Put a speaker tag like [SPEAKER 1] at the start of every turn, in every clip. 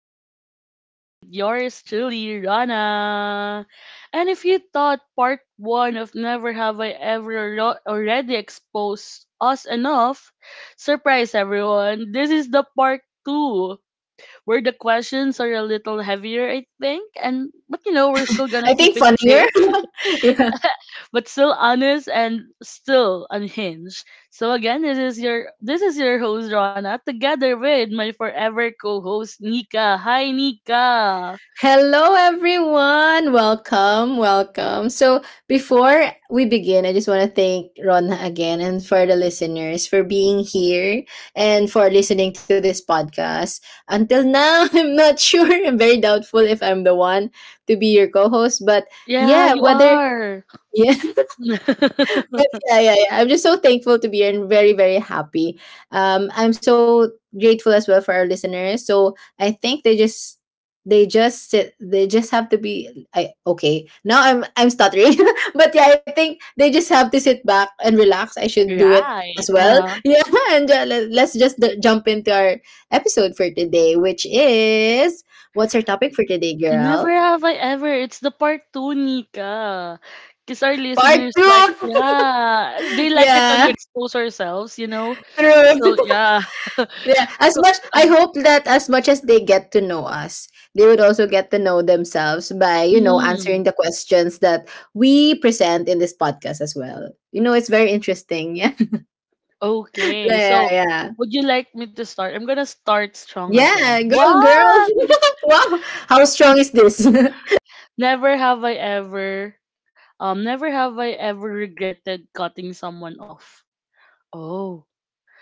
[SPEAKER 1] Talk the Talk with yours truly, Rana. And if you thought part one of Never Have I Ever Already Exposed Us Enough, surprise everyone, this is the part two where the questions are a little heavier, I think. And but we're still gonna
[SPEAKER 2] I
[SPEAKER 1] keep
[SPEAKER 2] think
[SPEAKER 1] it
[SPEAKER 2] funnier.
[SPEAKER 1] safe
[SPEAKER 2] Yeah.
[SPEAKER 1] but still honest and still unhinged. So again, this is your host Rana together with my forever co-host Nika. Hi Nika.
[SPEAKER 2] Hello, everyone. Welcome. Welcome. Before we begin, I just want to thank Rona again and for the listeners for being here and for listening to this podcast. Until now, I'm not sure. I'm very doubtful if I'm the one to be your co host. But
[SPEAKER 1] Yeah,
[SPEAKER 2] yeah,
[SPEAKER 1] you
[SPEAKER 2] whether,
[SPEAKER 1] are.
[SPEAKER 2] yeah, But yeah, yeah, yeah. I'm just so thankful to be here and very, very happy. I'm so grateful as well for our listeners. So I think they just have to be I okay. Now I'm stuttering. But yeah, I think they just have to sit back and relax. I should do it
[SPEAKER 1] Right.
[SPEAKER 2] as well.
[SPEAKER 1] Uh-huh.
[SPEAKER 2] Yeah, and jump into our episode for today, which is, what's our topic for today,
[SPEAKER 1] Never
[SPEAKER 2] girl?
[SPEAKER 1] have I ever. It's the part two, Nika. Because our
[SPEAKER 2] Part
[SPEAKER 1] listeners like,
[SPEAKER 2] two.
[SPEAKER 1] yeah, they like it when we
[SPEAKER 2] Yeah.
[SPEAKER 1] expose ourselves. So
[SPEAKER 2] True.
[SPEAKER 1] yeah.
[SPEAKER 2] Yeah,
[SPEAKER 1] So,
[SPEAKER 2] as much, I hope that as much as they get to know us, they would also get to know themselves by, you know, answering
[SPEAKER 1] mm.
[SPEAKER 2] the questions that we present in this podcast as well. You know, it's very interesting. Yeah. Yeah,
[SPEAKER 1] Okay,
[SPEAKER 2] yeah,
[SPEAKER 1] so
[SPEAKER 2] yeah.
[SPEAKER 1] would you like me to start? I'm gonna start strong again.
[SPEAKER 2] Yeah, go girl.
[SPEAKER 1] What?
[SPEAKER 2] Wow. How strong is this?
[SPEAKER 1] Never have I ever, Never have I ever regretted cutting someone off. Oh,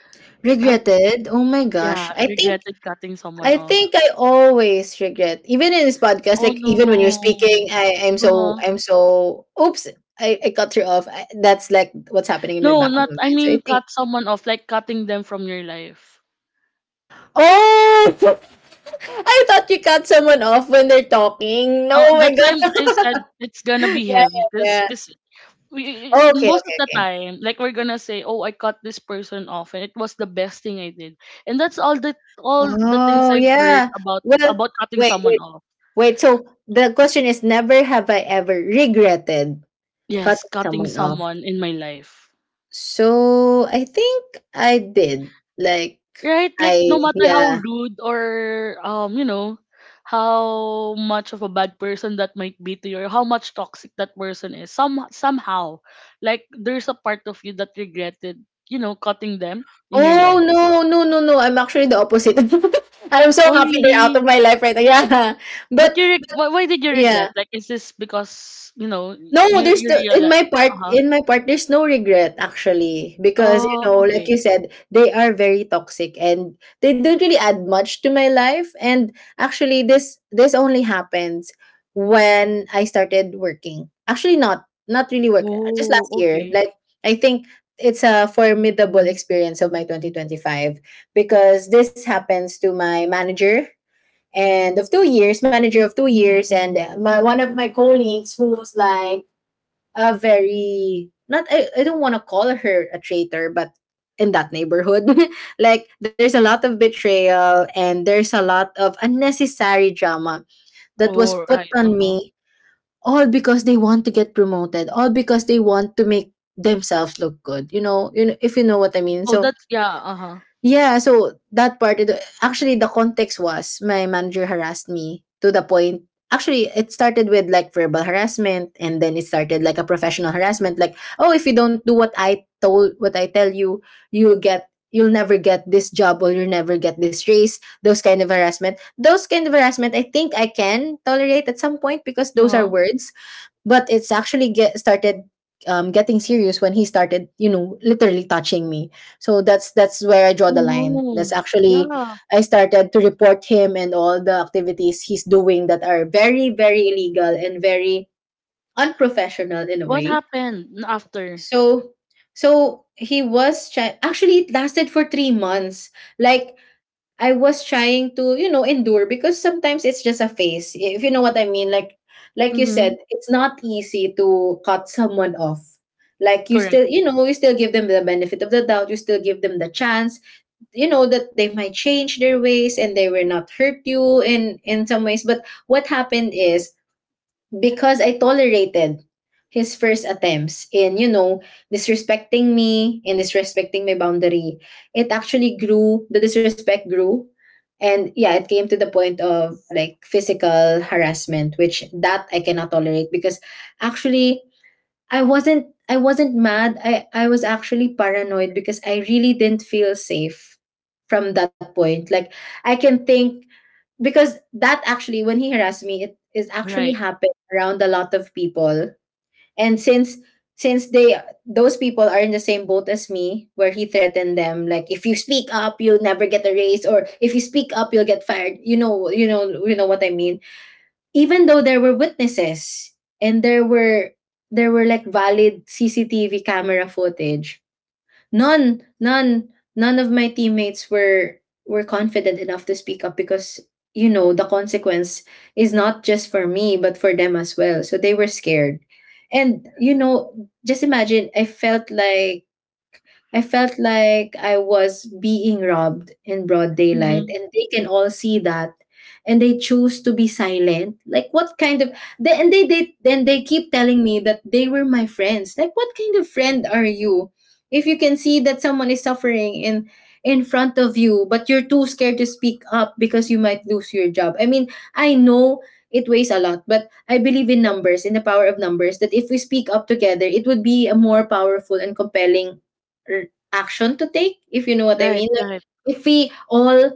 [SPEAKER 1] have,
[SPEAKER 2] Regretted? Oh my gosh.
[SPEAKER 1] yeah,
[SPEAKER 2] I think
[SPEAKER 1] regretted cutting someone
[SPEAKER 2] I
[SPEAKER 1] off.
[SPEAKER 2] think I always regret, even in this podcast,
[SPEAKER 1] Oh
[SPEAKER 2] like
[SPEAKER 1] no.
[SPEAKER 2] even when you're speaking, I, I'm so
[SPEAKER 1] Uh-huh.
[SPEAKER 2] I'm so oops, I cut her off. I, that's like what's happening in my
[SPEAKER 1] No,
[SPEAKER 2] back of
[SPEAKER 1] not.
[SPEAKER 2] my
[SPEAKER 1] I
[SPEAKER 2] mind. So
[SPEAKER 1] mean,
[SPEAKER 2] I think,
[SPEAKER 1] cut someone off, like cutting them from your life.
[SPEAKER 2] oh. I thought you cut someone off when they're talking. No,
[SPEAKER 1] No,
[SPEAKER 2] oh my
[SPEAKER 1] that's why
[SPEAKER 2] god.
[SPEAKER 1] I said it's gonna
[SPEAKER 2] Yeah,
[SPEAKER 1] be
[SPEAKER 2] yeah,
[SPEAKER 1] heavy, cause,
[SPEAKER 2] yeah.
[SPEAKER 1] 'cause we,
[SPEAKER 2] Oh, okay,
[SPEAKER 1] most of
[SPEAKER 2] okay,
[SPEAKER 1] the
[SPEAKER 2] okay.
[SPEAKER 1] time, like we're gonna say, "Oh, I cut this person off, and it was the best thing I did." And that's all the things
[SPEAKER 2] Oh
[SPEAKER 1] I've heard
[SPEAKER 2] yeah.
[SPEAKER 1] about
[SPEAKER 2] Well,
[SPEAKER 1] about cutting
[SPEAKER 2] wait,
[SPEAKER 1] someone
[SPEAKER 2] wait,
[SPEAKER 1] off.
[SPEAKER 2] wait. So the question is never have I ever regretted
[SPEAKER 1] Yes,
[SPEAKER 2] cutting
[SPEAKER 1] cutting
[SPEAKER 2] someone off.
[SPEAKER 1] someone in my life,
[SPEAKER 2] So I think I did. Like,
[SPEAKER 1] right?
[SPEAKER 2] I,
[SPEAKER 1] Like no matter how
[SPEAKER 2] yeah.
[SPEAKER 1] rude or how much of a bad person that might be to you, or how much toxic that person is, somehow, like there's a part of you that regretted, cutting them in your
[SPEAKER 2] Oh
[SPEAKER 1] life.
[SPEAKER 2] no, no, no, no. I'm actually the opposite. I'm so
[SPEAKER 1] Oh,
[SPEAKER 2] happy they're out
[SPEAKER 1] really?
[SPEAKER 2] of my life right now. Yeah.
[SPEAKER 1] But
[SPEAKER 2] But
[SPEAKER 1] why did you
[SPEAKER 2] yeah.
[SPEAKER 1] regret? Like, is this because you know
[SPEAKER 2] No,
[SPEAKER 1] you
[SPEAKER 2] there's
[SPEAKER 1] you
[SPEAKER 2] the, in
[SPEAKER 1] realize?
[SPEAKER 2] my
[SPEAKER 1] Uh
[SPEAKER 2] part
[SPEAKER 1] huh.
[SPEAKER 2] in my part there's no regret actually, because you
[SPEAKER 1] Oh,
[SPEAKER 2] know, like
[SPEAKER 1] okay.
[SPEAKER 2] you said, they are very toxic and they don't really add much to my life. And actually this only happens when I started working. Actually, not really work, just
[SPEAKER 1] Oh,
[SPEAKER 2] last year.
[SPEAKER 1] okay.
[SPEAKER 2] Like, I think it's a formidable experience of my 2025, because this happens to my manager and of 2 years, manager of 2 years, and my one of my colleagues who's like a very, not, I don't want to call her a traitor, but in that neighborhood. Like, there's a lot of betrayal and there's a lot of unnecessary drama that was
[SPEAKER 1] Oh,
[SPEAKER 2] put
[SPEAKER 1] right. Uh
[SPEAKER 2] on
[SPEAKER 1] huh.
[SPEAKER 2] me, all because they want to get promoted, all because they want to make themselves look good, you know, you know, if you know what I mean.
[SPEAKER 1] Oh,
[SPEAKER 2] So
[SPEAKER 1] that's yeah. Uh huh.
[SPEAKER 2] yeah, so that part, it- actually, the context was my manager harassed me to the point. Actually, it started with like verbal harassment, and then it started like a professional harassment. Like, oh, if you don't do what what I tell you, you'll never get this job, or you'll never get this raise. Those kind of harassment. Those kind of harassment, I think I can tolerate at some point because
[SPEAKER 1] Uh
[SPEAKER 2] those are
[SPEAKER 1] huh.
[SPEAKER 2] words. But it's actually getting serious when he started, you know, literally touching me. So that's where I draw
[SPEAKER 1] Oh
[SPEAKER 2] the line.
[SPEAKER 1] no.
[SPEAKER 2] That's actually,
[SPEAKER 1] Yeah.
[SPEAKER 2] I started to report him and all the activities he's doing that are very, very illegal and very unprofessional in a
[SPEAKER 1] What
[SPEAKER 2] way.
[SPEAKER 1] happened after?
[SPEAKER 2] So he was try- actually it lasted for 3 months. Like, I was trying to, you know, endure because sometimes it's just a phase. If you know what I mean. Like you said,
[SPEAKER 1] Mm-hmm.
[SPEAKER 2] it's not easy to cut someone off. Like, you
[SPEAKER 1] Correct.
[SPEAKER 2] still, you know, you still give them the benefit of the doubt, you still give them the chance, you know, that they might change their ways and they will not hurt you in some ways. But what happened is, because I tolerated his first attempts in, you know, disrespecting me and disrespecting my boundary, it actually grew, the disrespect grew. And yeah, it came to the point of like physical harassment, which that I cannot tolerate. Because actually, I wasn't mad. I was actually paranoid because I really didn't feel safe from that point. Like, I can think, because that actually, when he harassed me, it is actually
[SPEAKER 1] Right.
[SPEAKER 2] happened around a lot of people. And since they those people are in the same boat as me, where he threatened them, like if you speak up, you'll never get a raise, or if you speak up, you'll get fired. You know, you know, you know what I mean. Even though there were witnesses, and there were like valid CCTV camera footage, none none none of my teammates were, confident enough to speak up because, you know, the consequence is not just for me but for them as well. So they were scared. And you know, just imagine, I felt like, I felt like I was being robbed in broad daylight,
[SPEAKER 1] Mm-hmm.
[SPEAKER 2] and they can all see that. And they choose to be silent. Like, what kind of, and they keep telling me that they were my friends. Like, what kind of friend are you? If you can see that someone is suffering in front of you, but you're too scared to speak up because you might lose your job. I mean, I know it weighs a lot, but I believe in numbers, in the power of numbers, that if we speak up together, it would be a more powerful and compelling r- action to take, if you know what I
[SPEAKER 1] Right.
[SPEAKER 2] mean. Like,
[SPEAKER 1] Right.
[SPEAKER 2] if we all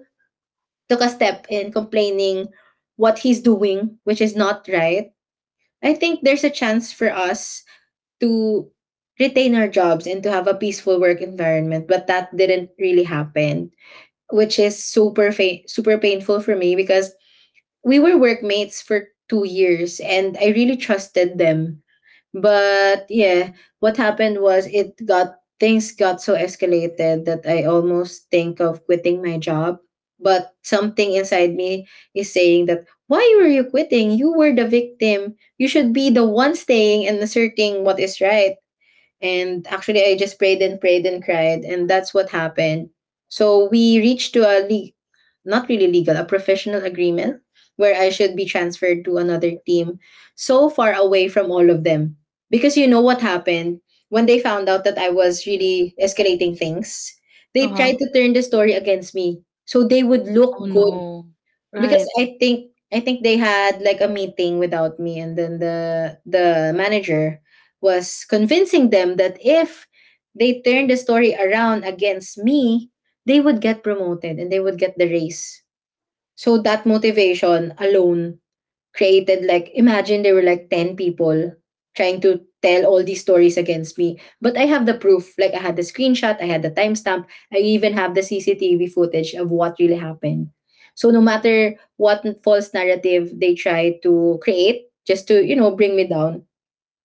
[SPEAKER 2] took a step in complaining what he's doing, which is not right, I think there's a chance for us to retain our jobs and to have a peaceful work environment. But that didn't really happen, which is super painful for me, because we were workmates for 2 years and I really trusted them. But yeah, what happened was, it got things got so escalated that I almost think of quitting my job. But something inside me is saying that, why were you quitting? You were the victim. You should be the one staying and asserting what is right. And actually, I just prayed and prayed and cried, and that's what happened. So we reached to a not really legal, a professional agreement where I should be transferred to another team, so far away from all of them. Because you know what happened, when they found out that I was really escalating things, they
[SPEAKER 1] Uh huh.
[SPEAKER 2] tried to turn the story against me, so they would
[SPEAKER 1] Oh
[SPEAKER 2] look good.
[SPEAKER 1] no.
[SPEAKER 2] Because
[SPEAKER 1] Right.
[SPEAKER 2] I think they had like a meeting without me, and then the manager was convincing them that if they turned the story around against me, they would get promoted and they would get the raise. So that motivation alone created, like, imagine there were like 10 people trying to tell all these stories against me. But I have the proof, like I had the screenshot, I had the timestamp, I even have the CCTV footage of what really happened. So no matter what false narrative they try to create just to, you know, bring me down,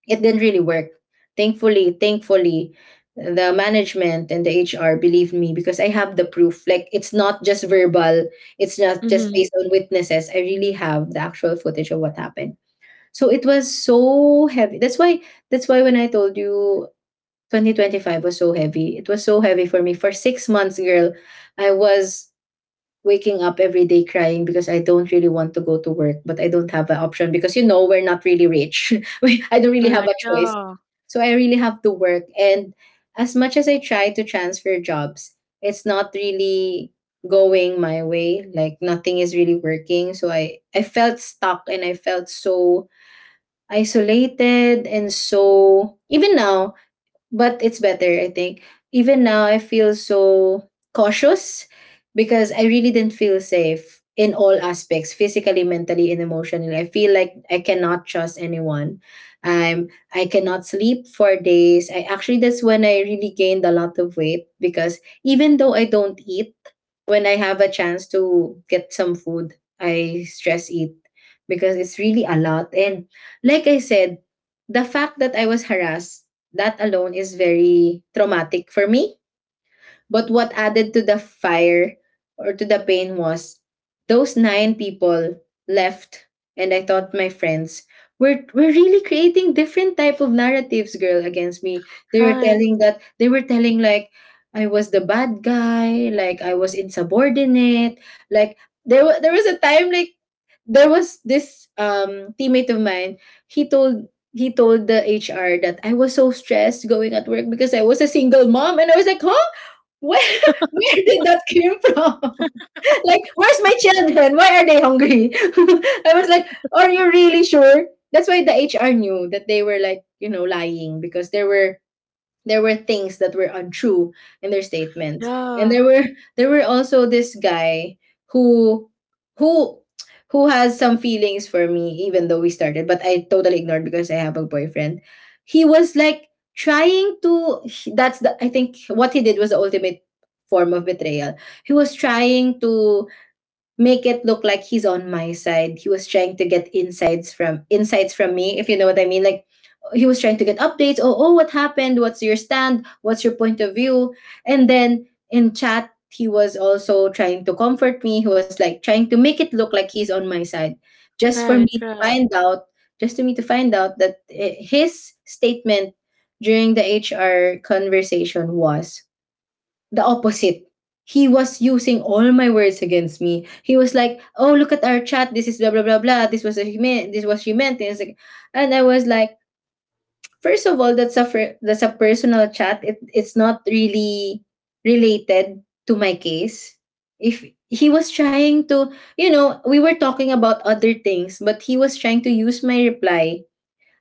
[SPEAKER 2] it didn't really work. Thankfully, thankfully, the management and the HR believed me, because I have the proof. Like, it's not just verbal, it's not just
[SPEAKER 1] Mm-hmm.
[SPEAKER 2] based on witnesses. I really have the actual footage of what happened. So it was so heavy. That's why when I told you 2025 was so heavy. It was so heavy for me. For 6 months, girl, I was waking up every day crying because I don't really want to go to work, but I don't have an option, because you know, we're not really rich. I don't really have a
[SPEAKER 1] Correct.
[SPEAKER 2] choice.
[SPEAKER 1] Yeah.
[SPEAKER 2] So I really have to work. And as much as I try to transfer jobs, it's not really going my way. Like, nothing is really working. So I felt stuck, and I felt so isolated, and so even now, but it's better, I think. Even now, I feel so cautious, because I really didn't feel safe in all aspects, physically, mentally, and emotionally. I feel like I cannot trust anyone. i'm I cannot sleep for days. I actually, that's when I really gained a lot of weight, because even though I don't eat, when I have a chance to get some food, I stress eat, because it's really a lot. And like I said, the fact that I was harassed, that alone is very traumatic for me. But what added to the fire, or to the pain, was those 9 people left, and I thought my friends were really creating different type of narratives, girl, against me. They were
[SPEAKER 1] Right.
[SPEAKER 2] telling that they were telling like I was the bad guy, like I was insubordinate, like there was a time, like there was this teammate of mine. he told he told the HR that I was so stressed going at work because I was a single mom, and I was like, huh? Where where did that came from? Like, where's my children? Why are they hungry? I was like, are you really sure? That's why the HR knew that they were, like, lying, because there were things that were untrue in their statements. And
[SPEAKER 1] Yeah.
[SPEAKER 2] there were also this guy who who has some feelings for me, even though we started, but I totally ignored because I have a boyfriend. He was like trying to that's the, I think what he did was the ultimate form of betrayal. He was trying to make it look like he's on my side. He was trying to get insights from me, if you know what I mean. Like, he was trying to get updates. Oh, oh, what happened? What's your stand? What's your point of view? And then in chat, he was also trying to comfort me. He was like trying to make it look like he's on my side, just for me
[SPEAKER 1] Right.
[SPEAKER 2] to
[SPEAKER 1] Right.
[SPEAKER 2] find out, that his statement during the HR conversation was the opposite. He was using all my words against me. He was like, "Oh, look at our chat. This is blah blah blah blah. This was what he meant. This was she meant." And it's like, and I was like, first of all, that's a personal chat. It's not really related to my case. If he was trying to, we were talking about other things, but he was trying to use my reply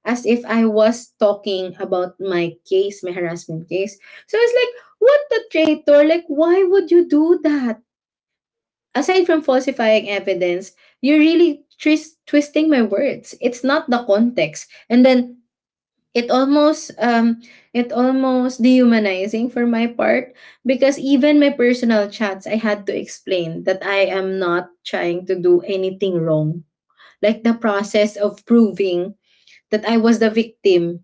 [SPEAKER 2] as if I was talking about my case, my harassment case. So it's like, what the traitor? Like, why would you do that? Aside from falsifying evidence, you're really twisting my words. It's not the context. And then it almost um it almost dehumanizing for my part, because even my personal chats I had to explain that I am not trying to do anything wrong. Like, the process of proving that I was the victim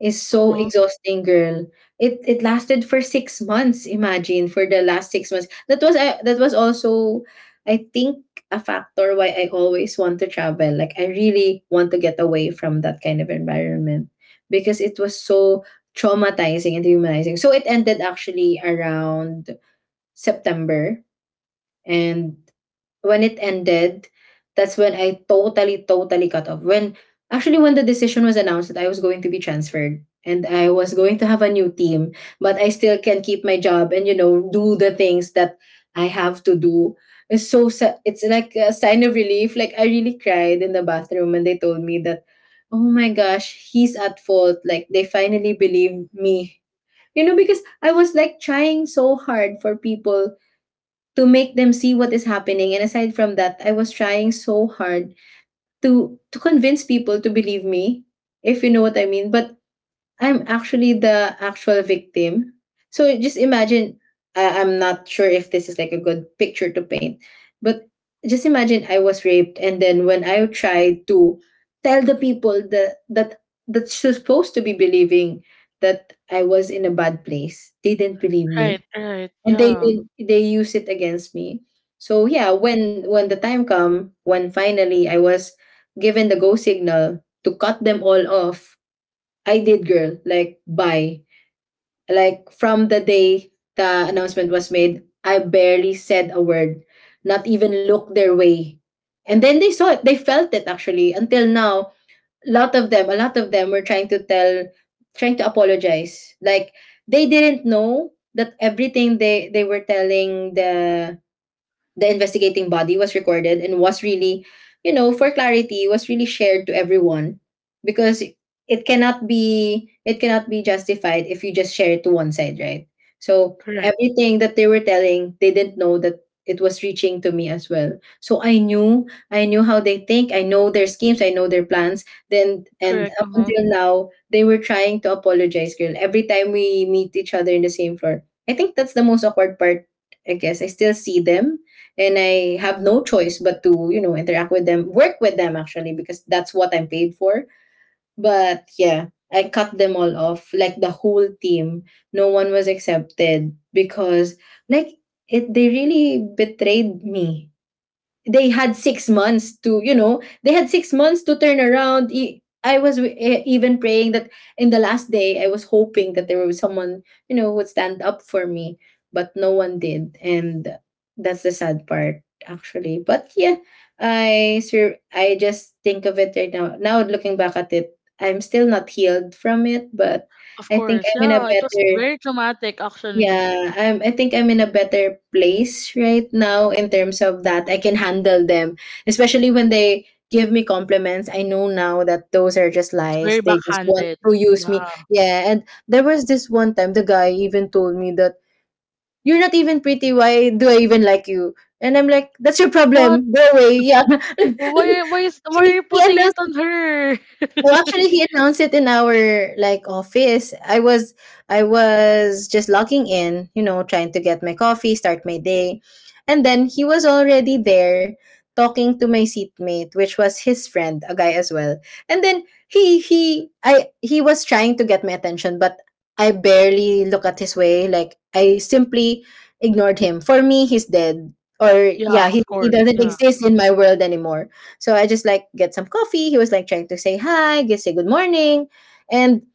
[SPEAKER 2] is
[SPEAKER 1] Uh
[SPEAKER 2] so
[SPEAKER 1] huh.
[SPEAKER 2] exhausting, girl. It lasted for six months. Imagine, for the last six months, that was I. That was also, I think, a factor why I always want to travel. Like, I really want to get away from that kind of environment, because it was so traumatizing and humanizing. So it ended actually around September, and when it ended, that's when I totally, totally cut off. When actually when the decision was announced that I was going to be transferred and I was going to have a new team, but I still can keep my job and, you know, do the things that I have to do. It's like a sign of relief. Like, I really cried in the bathroom when they told me that, oh my gosh, he's at fault. Like, they finally believe me. You know, because I was like trying so hard for people to make them see what is happening. And aside from that, I was trying so hard to convince people to believe me, if you know what I mean. But I'm actually the actual victim. So just imagine. I'm not sure if this is like a good picture to paint, but just imagine I was raped, and then when I tried to tell the people that that's supposed to be believing that I was in a bad place, they didn't believe
[SPEAKER 1] Right.
[SPEAKER 2] me,
[SPEAKER 1] Right.
[SPEAKER 2] and
[SPEAKER 1] Yeah.
[SPEAKER 2] they use it against me. So yeah, when the time come, when finally I was given the go signal to cut them all off, I did, girl. Like, bye. Like, from the day the announcement was made, I barely said a word, not even looked their way, and then they saw it, they felt it. Actually, until now, a lot of them were trying to tell, trying to apologize. Like, they didn't know that everything they were telling the investigating body was recorded and was really, you know, for clarity, was really shared to everyone, because it cannot be justified if you just share it to one side, right? So
[SPEAKER 1] Correct.
[SPEAKER 2] everything that they were telling, they didn't know that it was reaching to me as well. So I knew how they think, I know their schemes, I know their plans. Then and
[SPEAKER 1] Correct. Uh
[SPEAKER 2] up
[SPEAKER 1] huh.
[SPEAKER 2] until now, they were trying to apologize, girl. Every time we meet each other in the same floor. I think that's the most awkward part. I guess I still see them, and I have no choice but to, you know, interact with them, work with them actually, because that's what I'm paid for. But yeah, I cut them all off, like the whole team. No one was accepted because, like, it they really betrayed me. They had six months to, you know, they had six months to turn around. I was even praying that in the last day, I was hoping that there was someone, you know, who would stand up for me, but no one did. And that's the sad part, actually. But yeah, I just think of it right now. Now looking back at it, I'm still not healed from it, but
[SPEAKER 1] Of
[SPEAKER 2] I think
[SPEAKER 1] course,
[SPEAKER 2] I'm in a
[SPEAKER 1] yeah, it was
[SPEAKER 2] better
[SPEAKER 1] very traumatic actually.
[SPEAKER 2] yeah, I think I'm in a better place right now in terms of that. I can handle them, especially when they give me compliments. I know now that those are just
[SPEAKER 1] It's
[SPEAKER 2] lies.
[SPEAKER 1] very
[SPEAKER 2] They just want
[SPEAKER 1] backhanded.
[SPEAKER 2] to use me.
[SPEAKER 1] Yeah.
[SPEAKER 2] Yeah, and there was this one time the guy even told me that you're not even pretty. Why do I even like you? And I'm like, that's your
[SPEAKER 1] What?
[SPEAKER 2] problem. Go away. Yeah.
[SPEAKER 1] Why are you
[SPEAKER 2] He
[SPEAKER 1] putting it
[SPEAKER 2] announced,
[SPEAKER 1] on her?
[SPEAKER 2] no, actually, he announced it in our like office. I was just logging in, you know, trying to get my coffee, start my day, and then he was already there talking to my seatmate, which was his friend, a guy as well. And then he was trying to get my attention, but I barely look at his way. Like, I simply ignored him. For me, he's dead, or
[SPEAKER 1] Yeah,
[SPEAKER 2] yeah,
[SPEAKER 1] of
[SPEAKER 2] he
[SPEAKER 1] course.
[SPEAKER 2] doesn't
[SPEAKER 1] Yeah.
[SPEAKER 2] exist in my world anymore. So I just like get some coffee. He was like trying to say hi, get say good morning. And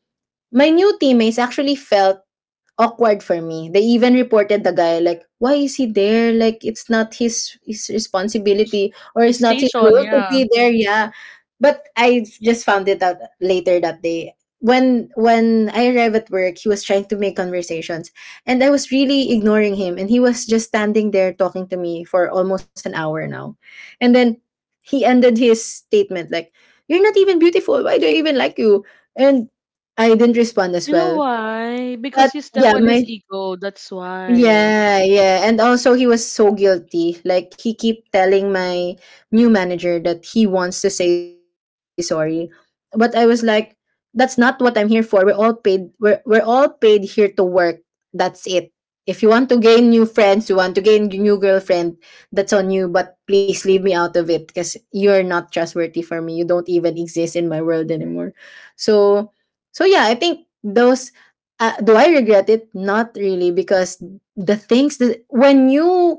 [SPEAKER 2] my new teammates actually felt awkward for me. They even reported the guy, like, why is he there? Like, it's not his responsibility, or
[SPEAKER 1] His
[SPEAKER 2] it's not his
[SPEAKER 1] station,
[SPEAKER 2] role to
[SPEAKER 1] yeah.
[SPEAKER 2] be there. Yeah. But I just found it out later that day. When I arrived at work, he was trying to make conversations, and I was really ignoring him, and he was just standing there talking to me for almost an hour now. And then he ended his statement like, you're not even beautiful. Why do I even like you? And I didn't respond as
[SPEAKER 1] You know
[SPEAKER 2] well.
[SPEAKER 1] why?
[SPEAKER 2] But
[SPEAKER 1] Because you step
[SPEAKER 2] yeah,
[SPEAKER 1] on
[SPEAKER 2] my
[SPEAKER 1] his ego, that's why.
[SPEAKER 2] yeah, yeah. And also he was so guilty. Like, he keep telling my new manager that he wants to say sorry. But I was like, that's not what I'm here for. We're all paid here to work. That's it. If you want to gain new friends, you want to gain new girlfriend, that's on you, but please leave me out of it, because you're not trustworthy for me. You don't even exist in my world anymore. So so yeah, I think those do I regret it? Not really, because the things that when you,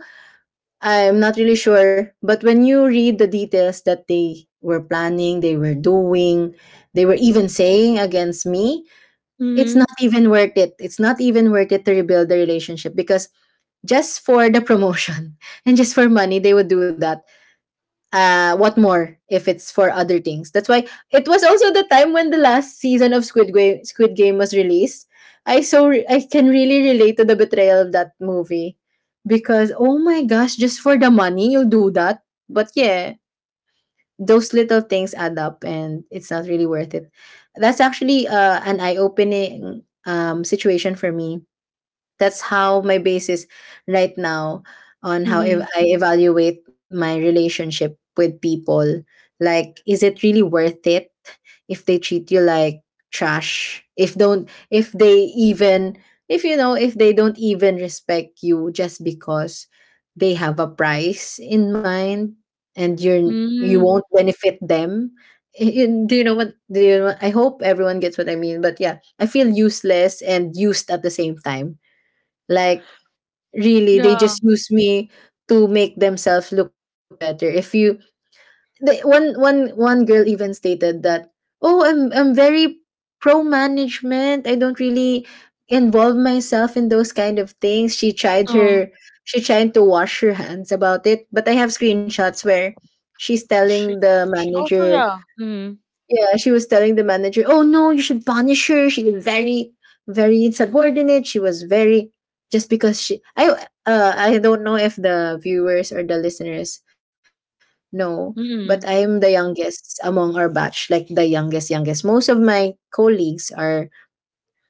[SPEAKER 2] I'm not really sure, but when you read the details that they were planning, they were doing, they were even saying against me, it's
[SPEAKER 1] Mhm.
[SPEAKER 2] not even worth it. It's not even worth it to rebuild the relationship because just for the promotion and just for money, they would do that. What more if it's for other things? That's why it was also the time when the last season of Squid Game was released. I can really relate to the betrayal of that movie, because oh my gosh, just for the money you'll do that. But yeah, those little things add up, and it's not really worth it. That's actually an eye-opening situation for me. That's how my base is right now on how
[SPEAKER 1] Mhm.
[SPEAKER 2] I evaluate my relationship with people. Like, is it really worth it if they treat you like trash? If they even, if, you know, if they don't even respect you just because they have a price in mind and you
[SPEAKER 1] Mhm.
[SPEAKER 2] won't benefit them. Do you know what? I hope everyone gets what I mean. But yeah, I feel useless and used at the same time, like, really, they
[SPEAKER 1] Yeah.
[SPEAKER 2] just use me to make themselves look better. If you the, one one one girl even stated that, "Oh, I'm very pro management. I don't really involve myself in those kind of things."
[SPEAKER 1] Uh-huh.
[SPEAKER 2] She tried to wash her hands about it, but I have screenshots where she's telling
[SPEAKER 1] She
[SPEAKER 2] the
[SPEAKER 1] she also
[SPEAKER 2] manager,
[SPEAKER 1] yeah. Mhm.
[SPEAKER 2] yeah, she was telling the manager, "Oh no, you should punish her. She is very, very insubordinate. She was very, just because she. I don't know if the viewers or the listeners know, but I am the
[SPEAKER 1] Mhm.
[SPEAKER 2] youngest among our batch, like the youngest, youngest. Most of my colleagues are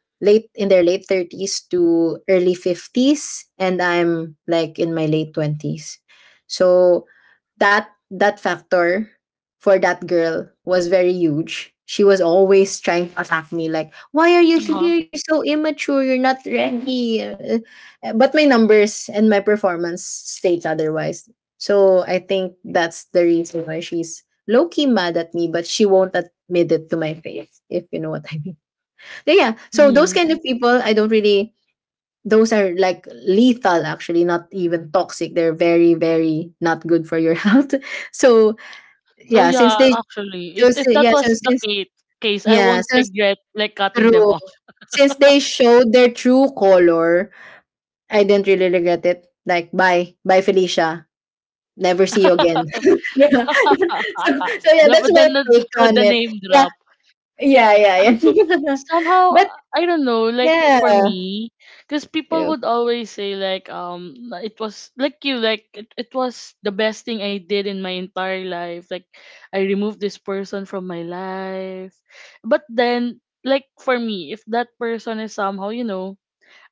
[SPEAKER 2] late in their late 30s to early 50s, and I'm like in my late 20s, so that factor for that girl was very huge. She was always trying to attack me, like, why are you
[SPEAKER 1] Uh-huh.
[SPEAKER 2] here, you're so immature, you're not ready. But my numbers and my performance state otherwise, so I think that's the reason why she's low-key mad at me, but she won't admit it to my face, if you know what I mean. Yeah, yeah. So those
[SPEAKER 1] Mhm.
[SPEAKER 2] kind of people, I don't really. Those are like lethal, actually, not even toxic. They're very, very not good for your health. So
[SPEAKER 1] So
[SPEAKER 2] yeah, since
[SPEAKER 1] yeah,
[SPEAKER 2] they,
[SPEAKER 1] actually,
[SPEAKER 2] so,
[SPEAKER 1] if
[SPEAKER 2] si-
[SPEAKER 1] that
[SPEAKER 2] yeah, so
[SPEAKER 1] was the
[SPEAKER 2] since
[SPEAKER 1] case, I
[SPEAKER 2] yeah,
[SPEAKER 1] won't
[SPEAKER 2] since
[SPEAKER 1] regret like cutting them
[SPEAKER 2] true,
[SPEAKER 1] off.
[SPEAKER 2] since they showed their true color, I didn't really regret it. Like, bye, bye, Felicia. Never see you again. Yeah. So yeah, that's my take on
[SPEAKER 1] The
[SPEAKER 2] it.
[SPEAKER 1] name
[SPEAKER 2] Yeah,
[SPEAKER 1] drop.
[SPEAKER 2] yeah, yeah, yeah.
[SPEAKER 1] Somehow,
[SPEAKER 2] But
[SPEAKER 1] I don't know, like for me, because people
[SPEAKER 2] yeah.
[SPEAKER 1] would always say, like, it was like you, like, it was the best thing I did in my entire life. Like, I removed this person from my life. But then, like, for me, if that person is somehow,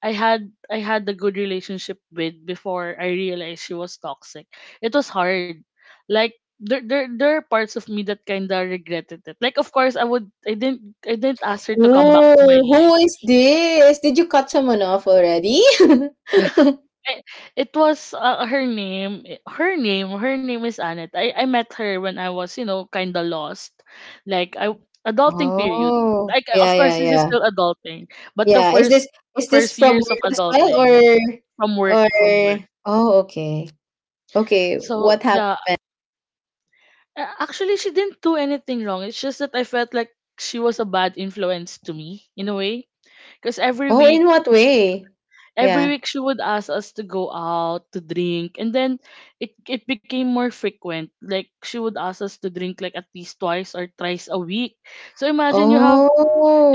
[SPEAKER 1] I had a good relationship with before I realized she was toxic. It was hard. Like there are parts of me that kinda regretted it. Like of course I didn't ask her to come back
[SPEAKER 2] Oh,
[SPEAKER 1] to my life.
[SPEAKER 2] who is this? Did you cut someone off already?
[SPEAKER 1] I, it was her name is Annette. I met her when I was kinda lost, like I adulting period.
[SPEAKER 2] Oh,
[SPEAKER 1] Like
[SPEAKER 2] yeah,
[SPEAKER 1] of
[SPEAKER 2] yeah,
[SPEAKER 1] course this is
[SPEAKER 2] yeah.
[SPEAKER 1] still adulting, but the
[SPEAKER 2] Yeah, is this
[SPEAKER 1] first
[SPEAKER 2] is this
[SPEAKER 1] first
[SPEAKER 2] from
[SPEAKER 1] years of
[SPEAKER 2] work as well, or
[SPEAKER 1] adulting from work
[SPEAKER 2] or
[SPEAKER 1] from work.
[SPEAKER 2] oh, okay. Okay,
[SPEAKER 1] So
[SPEAKER 2] what
[SPEAKER 1] yeah.
[SPEAKER 2] happened?
[SPEAKER 1] Actually, she didn't do anything wrong. It's just that I felt like she was a bad influence to me in a way. Because
[SPEAKER 2] Oh, in what way?
[SPEAKER 1] every
[SPEAKER 2] Yeah.
[SPEAKER 1] week she would ask us to go out to drink, and then it became more frequent. Like she would ask us to drink like at least twice or thrice a week. So imagine you have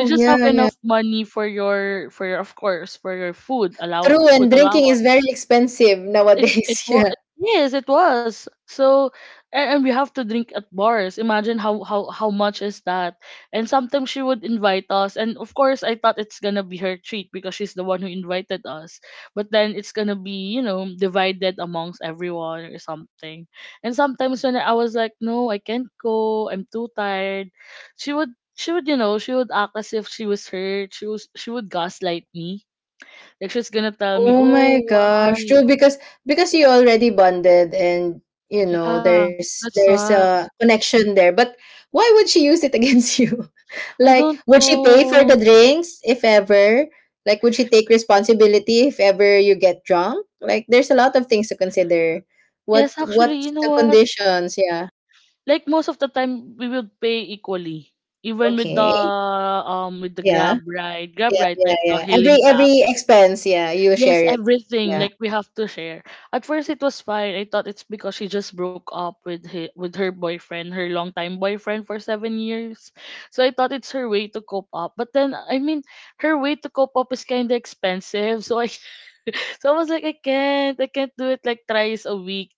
[SPEAKER 1] you just have
[SPEAKER 2] yeah, yeah.
[SPEAKER 1] enough money for your of course for your
[SPEAKER 2] True,
[SPEAKER 1] food
[SPEAKER 2] and drinking is
[SPEAKER 1] allowance.
[SPEAKER 2] very expensive
[SPEAKER 1] it it
[SPEAKER 2] nowadays.
[SPEAKER 1] was
[SPEAKER 2] Yeah.
[SPEAKER 1] yes, it was so. And we have to drink at bars. Imagine how much is that. And sometimes she would invite us, and of course I thought it's gonna be her treat because she's the one who invited us. But then it's gonna be, divided amongst everyone or something. And sometimes when I was like, no, I can't go, I'm too tired, she would she would act as if she was hurt, she would gaslight me, like she's gonna tell me,
[SPEAKER 2] Oh my
[SPEAKER 1] oh,
[SPEAKER 2] gosh.
[SPEAKER 1] why.
[SPEAKER 2] True, because you already bonded, and
[SPEAKER 1] Ah,
[SPEAKER 2] there's
[SPEAKER 1] that's
[SPEAKER 2] there's
[SPEAKER 1] why.
[SPEAKER 2] a connection there. But why would she use it against you?
[SPEAKER 1] I
[SPEAKER 2] Like,
[SPEAKER 1] don't
[SPEAKER 2] would she pay for the
[SPEAKER 1] know.
[SPEAKER 2] drinks if ever? Like, would she take responsibility if ever you get drunk? Like, there's a lot of things to consider. What
[SPEAKER 1] Yes, actually, you
[SPEAKER 2] what's
[SPEAKER 1] know
[SPEAKER 2] the
[SPEAKER 1] what?
[SPEAKER 2] conditions? Yeah.
[SPEAKER 1] Like most of the time, we would pay equally, even with the
[SPEAKER 2] Okay.
[SPEAKER 1] um with the
[SPEAKER 2] Yeah.
[SPEAKER 1] Grab ride, Grab
[SPEAKER 2] Yeah,
[SPEAKER 1] ride
[SPEAKER 2] yeah,
[SPEAKER 1] like the
[SPEAKER 2] yeah.
[SPEAKER 1] hailing
[SPEAKER 2] Every
[SPEAKER 1] cab.
[SPEAKER 2] every expense, yeah, you share
[SPEAKER 1] Yes,
[SPEAKER 2] it.
[SPEAKER 1] everything.
[SPEAKER 2] Yeah.
[SPEAKER 1] Like we have to share. At first, it was fine. I thought it's because she just broke up with hi with her boyfriend, her longtime boyfriend for 7 years. So I thought it's her way to cope up. But then, I mean, her way to cope up is kind of expensive. So I was like, I can't do it like thrice a week.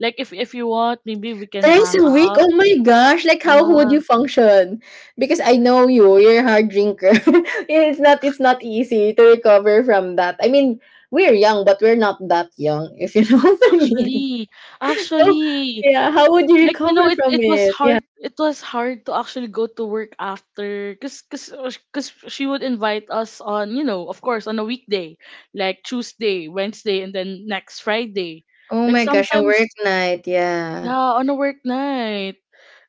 [SPEAKER 1] Like if you want, maybe we can
[SPEAKER 2] Thrice
[SPEAKER 1] hang
[SPEAKER 2] a week?
[SPEAKER 1] out.
[SPEAKER 2] Oh my gosh! Like, how would
[SPEAKER 1] Yeah,
[SPEAKER 2] you function? Because I know you, you're a hard drinker. It's not easy to recover from that. I mean, we're young, but we're not that young, if you know what I mean.
[SPEAKER 1] actually,
[SPEAKER 2] So,
[SPEAKER 1] actually,
[SPEAKER 2] yeah, how would you
[SPEAKER 1] like
[SPEAKER 2] recover
[SPEAKER 1] it
[SPEAKER 2] from
[SPEAKER 1] it was
[SPEAKER 2] it? Yeah.
[SPEAKER 1] hard it was hard to actually go to work after, cuz she would invite us on, of course, on a weekday, like Tuesday, Wednesday, and then next Friday.
[SPEAKER 2] Oh
[SPEAKER 1] Like
[SPEAKER 2] my gosh, a work
[SPEAKER 1] sometimes,
[SPEAKER 2] night. Yeah.
[SPEAKER 1] yeah, on a work night.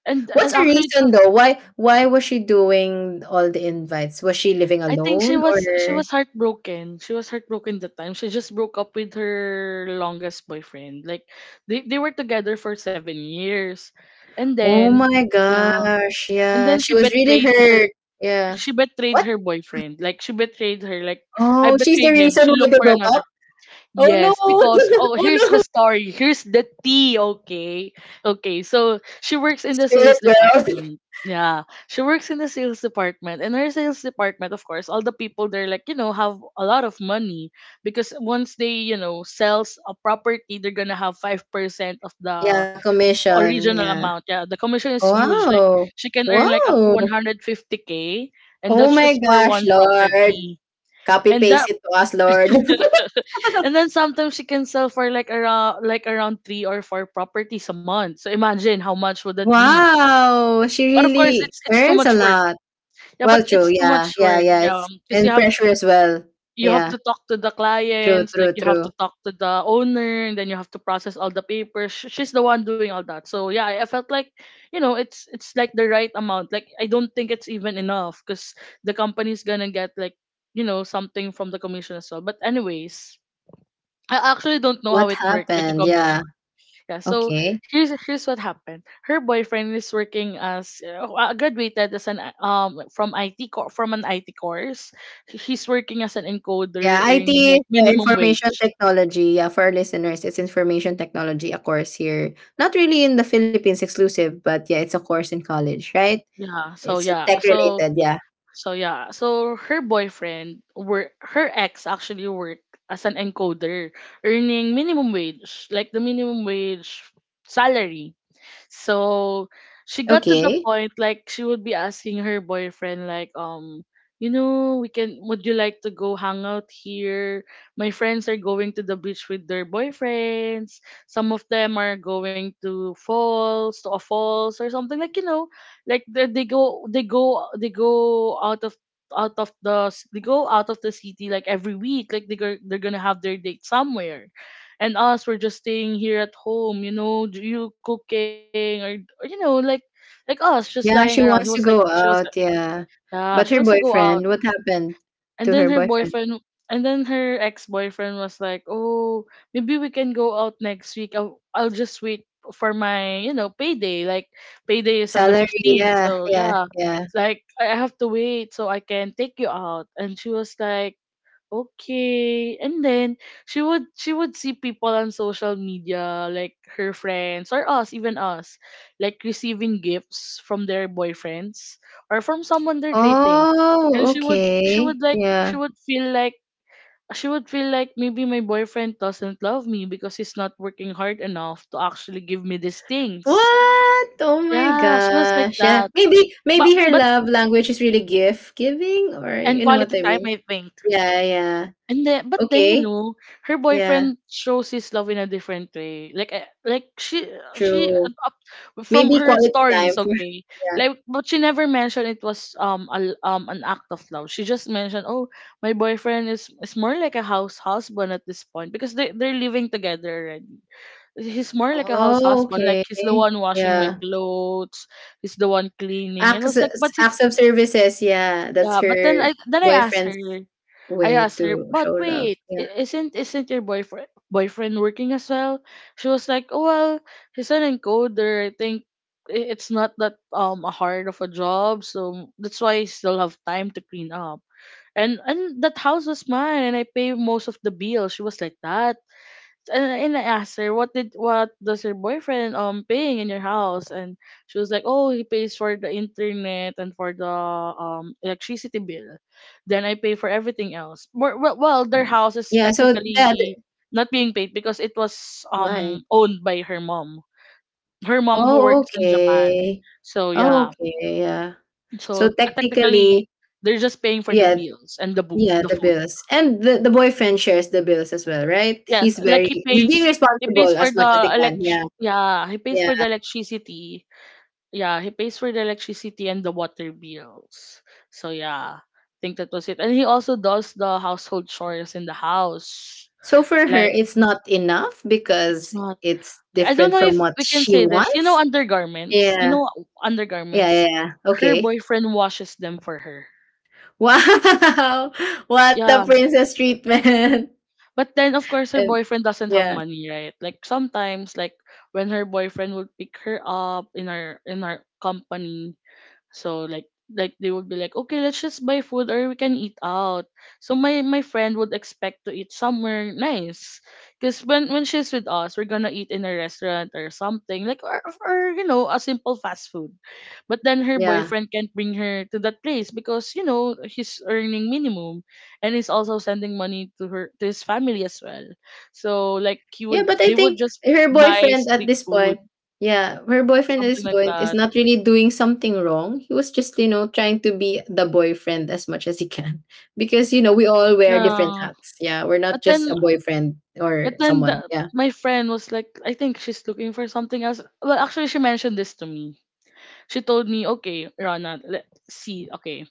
[SPEAKER 1] and
[SPEAKER 2] What's
[SPEAKER 1] and
[SPEAKER 2] the
[SPEAKER 1] actually
[SPEAKER 2] reason though? Why was she doing all the invites? Was she living
[SPEAKER 1] I think she
[SPEAKER 2] alone
[SPEAKER 1] was she
[SPEAKER 2] or?
[SPEAKER 1] was heartbroken she was heartbroken that time. She just broke up with her longest boyfriend. Like they were together for 7 years, and
[SPEAKER 2] Oh
[SPEAKER 1] then,
[SPEAKER 2] my
[SPEAKER 1] yeah,
[SPEAKER 2] gosh!
[SPEAKER 1] and then
[SPEAKER 2] Yeah,
[SPEAKER 1] she
[SPEAKER 2] she was really
[SPEAKER 1] betrayed her
[SPEAKER 2] hurt. Yeah.
[SPEAKER 1] she
[SPEAKER 2] What?
[SPEAKER 1] betrayed her boyfriend. Like she betrayed her. Like I
[SPEAKER 2] Oh, she's the
[SPEAKER 1] betrayed him.
[SPEAKER 2] reason
[SPEAKER 1] She
[SPEAKER 2] why
[SPEAKER 1] looked
[SPEAKER 2] they
[SPEAKER 1] for
[SPEAKER 2] broke
[SPEAKER 1] another.
[SPEAKER 2] up? Oh no.
[SPEAKER 1] Yes, because, oh,
[SPEAKER 2] Oh
[SPEAKER 1] here's the
[SPEAKER 2] no.
[SPEAKER 1] story. Here's the tea. Okay, okay. So she works in the
[SPEAKER 2] Spirit
[SPEAKER 1] sales
[SPEAKER 2] girl.
[SPEAKER 1] department. Yeah, she works in the sales department, and her sales department, of course, all the people there, like, have a lot of money because once they, sells a property, they're gonna have 5% of
[SPEAKER 2] Yeah,
[SPEAKER 1] the
[SPEAKER 2] commission.
[SPEAKER 1] original
[SPEAKER 2] Yeah.
[SPEAKER 1] amount. Yeah, the commission is huge. Like
[SPEAKER 2] Wow.
[SPEAKER 1] she can earn like up to
[SPEAKER 2] Wow.
[SPEAKER 1] 150K, and
[SPEAKER 2] Oh
[SPEAKER 1] that's
[SPEAKER 2] my
[SPEAKER 1] just for
[SPEAKER 2] gosh,
[SPEAKER 1] one
[SPEAKER 2] Lord.
[SPEAKER 1] property.
[SPEAKER 2] Copy
[SPEAKER 1] And
[SPEAKER 2] paste
[SPEAKER 1] that
[SPEAKER 2] it to us, Lord.
[SPEAKER 1] and then sometimes she can sell for like around 3 or 4 properties a month. So imagine how much would that be.
[SPEAKER 2] Wow. She
[SPEAKER 1] But of course
[SPEAKER 2] really
[SPEAKER 1] it's too
[SPEAKER 2] earns
[SPEAKER 1] much
[SPEAKER 2] a
[SPEAKER 1] work.
[SPEAKER 2] lot.
[SPEAKER 1] Yeah,
[SPEAKER 2] Well,
[SPEAKER 1] but
[SPEAKER 2] true.
[SPEAKER 1] it's too
[SPEAKER 2] Yeah.
[SPEAKER 1] much
[SPEAKER 2] Yeah.
[SPEAKER 1] work.
[SPEAKER 2] Yeah.
[SPEAKER 1] Yeah,
[SPEAKER 2] It's
[SPEAKER 1] because you
[SPEAKER 2] and
[SPEAKER 1] have
[SPEAKER 2] pressure as well.
[SPEAKER 1] You have
[SPEAKER 2] Yeah.
[SPEAKER 1] to talk to the
[SPEAKER 2] True,
[SPEAKER 1] clients, like
[SPEAKER 2] true,
[SPEAKER 1] you have
[SPEAKER 2] true.
[SPEAKER 1] to talk to the owner, and then you have to process all the papers. She's the one doing all that. So yeah, I felt like, it's like the right amount. Like I don't think it's even enough because the company's gonna get like, something from the commission as well. But anyways, I actually don't know how
[SPEAKER 2] What
[SPEAKER 1] it worked with the
[SPEAKER 2] happened?
[SPEAKER 1] commission.
[SPEAKER 2] Yeah.
[SPEAKER 1] Yeah, so
[SPEAKER 2] Okay.
[SPEAKER 1] here's what happened. Her boyfriend is working as graduated as an from IT from an IT course. He's working as an
[SPEAKER 2] Yeah,
[SPEAKER 1] encoder, earning
[SPEAKER 2] IT is,
[SPEAKER 1] like minimum
[SPEAKER 2] information
[SPEAKER 1] wage.
[SPEAKER 2] technology. Yeah, for our listeners, it's information technology, a course here. Not really in the Philippines exclusive, but yeah, it's a course in college, right?
[SPEAKER 1] Yeah. So
[SPEAKER 2] It's
[SPEAKER 1] yeah.
[SPEAKER 2] tech
[SPEAKER 1] So
[SPEAKER 2] related, yeah.
[SPEAKER 1] so yeah. So her boyfriend work. Her ex actually worked as an encoder, earning minimum wage, like the minimum wage salary. So she got to the
[SPEAKER 2] Okay.
[SPEAKER 1] point like she would be asking her boyfriend, like, we can would you like to go hang out here? My friends are going to the beach with their boyfriends. Some of them are going to a falls or something. Like, like they go out of the they go out of the city like every week. Like they go, they're gonna have their date somewhere, and us were just staying here at home, you cooking, or like us just lying
[SPEAKER 2] Yeah,
[SPEAKER 1] around. He
[SPEAKER 2] she
[SPEAKER 1] was like
[SPEAKER 2] wants to
[SPEAKER 1] She
[SPEAKER 2] go
[SPEAKER 1] was like,
[SPEAKER 2] out, yeah.
[SPEAKER 1] yeah, she
[SPEAKER 2] But her
[SPEAKER 1] wants to go out.
[SPEAKER 2] boyfriend, what happened
[SPEAKER 1] and
[SPEAKER 2] to
[SPEAKER 1] then
[SPEAKER 2] her
[SPEAKER 1] her
[SPEAKER 2] boyfriend?
[SPEAKER 1] boyfriend and then her ex-boyfriend was like, oh, maybe we can go out next week, I'll just wait for my, payday. Like payday is on the
[SPEAKER 2] Salary,
[SPEAKER 1] 15th,
[SPEAKER 2] yeah,
[SPEAKER 1] so
[SPEAKER 2] yeah,
[SPEAKER 1] yeah,
[SPEAKER 2] yeah.
[SPEAKER 1] it's like I have to wait so I can take you out. And she was like, okay. And then she would see people on social media, like her friends or us, even us, like receiving gifts from their boyfriends or from someone they're dating. And
[SPEAKER 2] Oh,
[SPEAKER 1] she would
[SPEAKER 2] okay.
[SPEAKER 1] like she
[SPEAKER 2] Yeah.
[SPEAKER 1] would feel like she would feel like maybe my boyfriend doesn't love me because he's not working hard enough to actually give me these things.
[SPEAKER 2] What? Oh my
[SPEAKER 1] Yeah, she was like
[SPEAKER 2] gosh. Yeah.
[SPEAKER 1] that.
[SPEAKER 2] Maybe
[SPEAKER 1] But
[SPEAKER 2] maybe her
[SPEAKER 1] but
[SPEAKER 2] love language is really gift giving, or
[SPEAKER 1] and
[SPEAKER 2] you know what
[SPEAKER 1] quality
[SPEAKER 2] I
[SPEAKER 1] time
[SPEAKER 2] mean.
[SPEAKER 1] I think.
[SPEAKER 2] Yeah, yeah.
[SPEAKER 1] And then, but then,
[SPEAKER 2] Okay.
[SPEAKER 1] her
[SPEAKER 2] Yeah,
[SPEAKER 1] boyfriend shows his love in a different way. Like she
[SPEAKER 2] true.
[SPEAKER 1] up from
[SPEAKER 2] Maybe
[SPEAKER 1] her
[SPEAKER 2] quality
[SPEAKER 1] stories,
[SPEAKER 2] time, for
[SPEAKER 1] okay.
[SPEAKER 2] yeah.
[SPEAKER 1] Like, but she never mentioned it was an act of love. She just mentioned, oh, my boyfriend is more like a house husband at this point because they're living together already. He's more like a house
[SPEAKER 2] Oh,
[SPEAKER 1] husband.
[SPEAKER 2] okay.
[SPEAKER 1] Like he's the one washing my
[SPEAKER 2] Yeah.
[SPEAKER 1] clothes. He's the one cleaning. And I
[SPEAKER 2] Acts
[SPEAKER 1] was like, but he's
[SPEAKER 2] acts of services, yeah. That's
[SPEAKER 1] yeah. But then
[SPEAKER 2] her
[SPEAKER 1] I asked her.
[SPEAKER 2] boyfriend's
[SPEAKER 1] I
[SPEAKER 2] way
[SPEAKER 1] asked her,
[SPEAKER 2] to
[SPEAKER 1] but
[SPEAKER 2] show love.
[SPEAKER 1] wait,
[SPEAKER 2] Yeah.
[SPEAKER 1] isn't your boyfriend working as well? She was like, oh, well, he's an encoder. I think it's not that a hard of a job, so that's why I still have time to clean up. And that house was mine, and I pay most of the bill. She was like that and I asked her what does your boyfriend paying in your house? And she was like, oh, he pays for the internet and for the electricity bill, then I pay for everything else. Well, their house is
[SPEAKER 2] Yeah, so that
[SPEAKER 1] technically not being paid because it was
[SPEAKER 2] why?
[SPEAKER 1] owned by her mom, her mom who
[SPEAKER 2] Oh,
[SPEAKER 1] works in Japan.
[SPEAKER 2] okay.
[SPEAKER 1] So
[SPEAKER 2] Oh,
[SPEAKER 1] yeah.
[SPEAKER 2] okay, yeah.
[SPEAKER 1] So
[SPEAKER 2] So
[SPEAKER 1] technically
[SPEAKER 2] technically,
[SPEAKER 1] they're just paying for the
[SPEAKER 2] yeah,
[SPEAKER 1] bills and
[SPEAKER 2] yeah,
[SPEAKER 1] the
[SPEAKER 2] the
[SPEAKER 1] food.
[SPEAKER 2] bills. And the boyfriend shares the bills as well, right?
[SPEAKER 1] Yes, like
[SPEAKER 2] He's being
[SPEAKER 1] he pays
[SPEAKER 2] responsible
[SPEAKER 1] for
[SPEAKER 2] as much
[SPEAKER 1] the
[SPEAKER 2] as he can.
[SPEAKER 1] elect
[SPEAKER 2] Yeah.
[SPEAKER 1] yeah, he pays
[SPEAKER 2] Yeah.
[SPEAKER 1] for the electricity. Yeah, he pays for the electricity and the water bills. So yeah, I think that was it. And he also does the household chores in the house.
[SPEAKER 2] So for her,
[SPEAKER 1] Like
[SPEAKER 2] it's not enough
[SPEAKER 1] it's
[SPEAKER 2] because
[SPEAKER 1] not.
[SPEAKER 2] it's
[SPEAKER 1] I don't
[SPEAKER 2] different
[SPEAKER 1] know
[SPEAKER 2] from
[SPEAKER 1] if
[SPEAKER 2] what
[SPEAKER 1] we can
[SPEAKER 2] she
[SPEAKER 1] say this. You know,
[SPEAKER 2] wants.
[SPEAKER 1] undergarments.
[SPEAKER 2] Yeah.
[SPEAKER 1] You know,
[SPEAKER 2] Yeah, yeah,
[SPEAKER 1] undergarments.
[SPEAKER 2] yeah.
[SPEAKER 1] Her
[SPEAKER 2] Okay.
[SPEAKER 1] boyfriend washes them for her.
[SPEAKER 2] Wow. What a
[SPEAKER 1] Yeah.
[SPEAKER 2] princess treatment.
[SPEAKER 1] But then, of course, her
[SPEAKER 2] And
[SPEAKER 1] boyfriend doesn't have
[SPEAKER 2] yeah.
[SPEAKER 1] money, right? Like sometimes, like when her boyfriend would pick her up in our company, so like they would be like, okay, let's just buy food or we can eat out. So my friend would expect to eat somewhere nice, because when she's with us, we're gonna eat in a restaurant or something like, or you know a simple fast food. But then her
[SPEAKER 2] Yeah.
[SPEAKER 1] boyfriend can't bring her to that place because you know he's earning minimum, and he's also sending money to her to his family as well. So like he
[SPEAKER 2] Yeah,
[SPEAKER 1] would
[SPEAKER 2] but I
[SPEAKER 1] they would
[SPEAKER 2] think
[SPEAKER 1] just buy street food,
[SPEAKER 2] her boyfriend at
[SPEAKER 1] something
[SPEAKER 2] this
[SPEAKER 1] like
[SPEAKER 2] point is
[SPEAKER 1] that.
[SPEAKER 2] not really doing something wrong. He was just, trying to be the boyfriend as much as he can. Because, we all wear different
[SPEAKER 1] Yeah.
[SPEAKER 2] hats. Yeah, we're not
[SPEAKER 1] But
[SPEAKER 2] just
[SPEAKER 1] then,
[SPEAKER 2] a boyfriend or someone. Yeah.
[SPEAKER 1] My friend was like, I think she's looking for something else. Well, actually, she mentioned this to me. She told me, okay, Rana, let's see. Okay,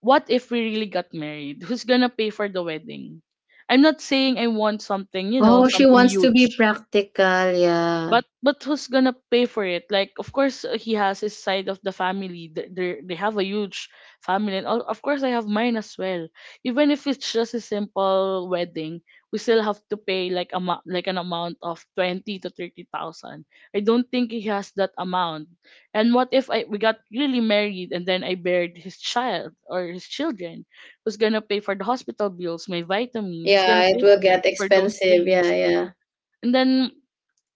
[SPEAKER 1] what if we really got married? Who's gonna pay for the wedding? I'm not saying I want something, you know,
[SPEAKER 2] Oh, she
[SPEAKER 1] something
[SPEAKER 2] wants to be
[SPEAKER 1] huge,
[SPEAKER 2] practical, yeah.
[SPEAKER 1] but who's gonna pay for it? Like, of course he has his side of the family. They they have a huge family, and of course I have mine as well. Even if it's just a simple wedding, we still have to pay like a like an amount of 20 to 30,000. I don't think he has that amount. And what if I we got really married and then I buried his child or his children? Who's gonna pay for the hospital bills, my vitamins? Who's
[SPEAKER 2] Yeah,
[SPEAKER 1] gonna
[SPEAKER 2] it
[SPEAKER 1] pay
[SPEAKER 2] will
[SPEAKER 1] for it,
[SPEAKER 2] get
[SPEAKER 1] for those
[SPEAKER 2] expensive. Yeah,
[SPEAKER 1] things?
[SPEAKER 2] yeah.
[SPEAKER 1] And then,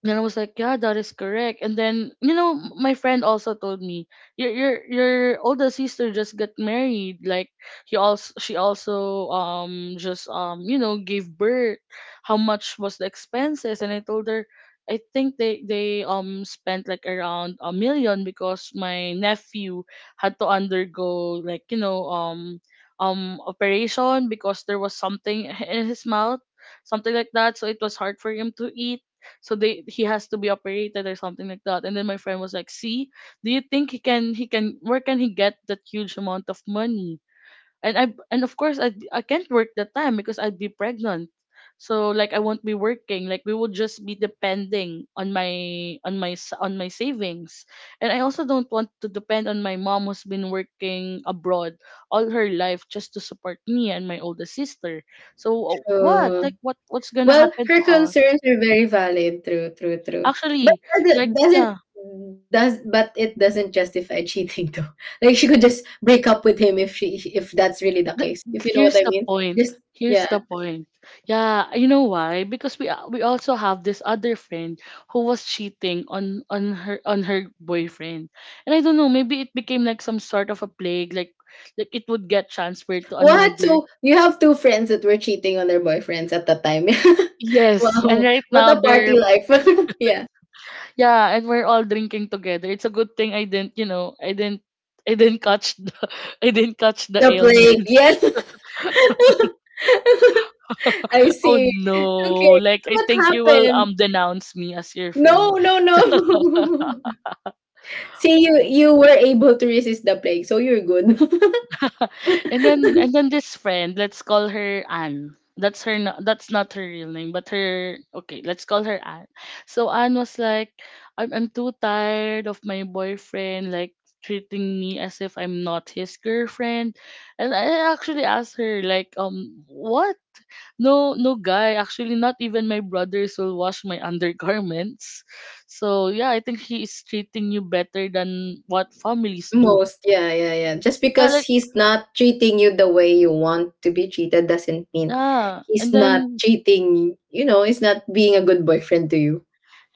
[SPEAKER 1] and I was like, yeah, that is correct. And then, you know, my friend also told me, your older sister just got married. Like he also, she also just you know gave birth. How much was the expenses? And I told her, I think they spent like around 1 million because my nephew had to undergo like you know operation because there was something in his mouth, something like that. So it was hard for him to eat, so they he has to be operated or something like that. And then my friend was like, see, do you think he can, where can he get that huge amount of money? And I and of course I can't work that time because I'd be pregnant. So like I won't be working, like we would just be depending on my on my savings. And I also don't want to depend on my mom who's been working abroad all her life just to support me and my older sister. So what,
[SPEAKER 2] True.
[SPEAKER 1] like what what's gonna
[SPEAKER 2] Well,
[SPEAKER 1] happen to
[SPEAKER 2] her
[SPEAKER 1] us?
[SPEAKER 2] concerns are very valid. True, true, true. But
[SPEAKER 1] Actually, like
[SPEAKER 2] doesn't-
[SPEAKER 1] yeah,
[SPEAKER 2] does but it doesn't justify cheating though. Like, she could just break up with him if that's really the
[SPEAKER 1] the,
[SPEAKER 2] case. If you know what
[SPEAKER 1] here's
[SPEAKER 2] I
[SPEAKER 1] the
[SPEAKER 2] mean.
[SPEAKER 1] point.
[SPEAKER 2] Just,
[SPEAKER 1] Here's
[SPEAKER 2] yeah.
[SPEAKER 1] the point. Yeah, you know why? Because we also have this other friend who was cheating on her boyfriend. And I don't know, maybe it became like some sort of a plague, like it would get transferred to
[SPEAKER 2] What?
[SPEAKER 1] another.
[SPEAKER 2] So you have two friends that were cheating on their boyfriends at the time.
[SPEAKER 1] Yes, and
[SPEAKER 2] Wow.
[SPEAKER 1] right
[SPEAKER 2] What
[SPEAKER 1] now
[SPEAKER 2] a
[SPEAKER 1] they're
[SPEAKER 2] party life. Yeah.
[SPEAKER 1] yeah, and we're all drinking together. It's a good thing I didn't, you know, I didn't catch the I didn't catch the
[SPEAKER 2] The plague.
[SPEAKER 1] ailment.
[SPEAKER 2] Yes. I
[SPEAKER 1] Oh
[SPEAKER 2] see. Okay.
[SPEAKER 1] no! Like
[SPEAKER 2] So
[SPEAKER 1] I
[SPEAKER 2] what
[SPEAKER 1] think you will
[SPEAKER 2] happened?
[SPEAKER 1] denounce me as your
[SPEAKER 2] No,
[SPEAKER 1] friend.
[SPEAKER 2] no, no. See, you were able to resist the plague, so you're good.
[SPEAKER 1] So, and then this friend, let's call her Anne. That's her. No- That's not her real name, but her. Okay, let's call her Anne. So Anne was like, I'm too tired of my boyfriend like treating me as if I'm not his girlfriend, and I actually asked her like, what? No, no guy. Actually, not even my brothers will wash my undergarments. So yeah, I think he is treating you better than what families do.
[SPEAKER 2] Most, yeah, yeah, yeah. Just
[SPEAKER 1] Yeah,
[SPEAKER 2] because
[SPEAKER 1] like
[SPEAKER 2] he's not treating you the way you want to be treated doesn't mean
[SPEAKER 1] yeah.
[SPEAKER 2] he's
[SPEAKER 1] And
[SPEAKER 2] not
[SPEAKER 1] then,
[SPEAKER 2] cheating, he's not being a good boyfriend to you,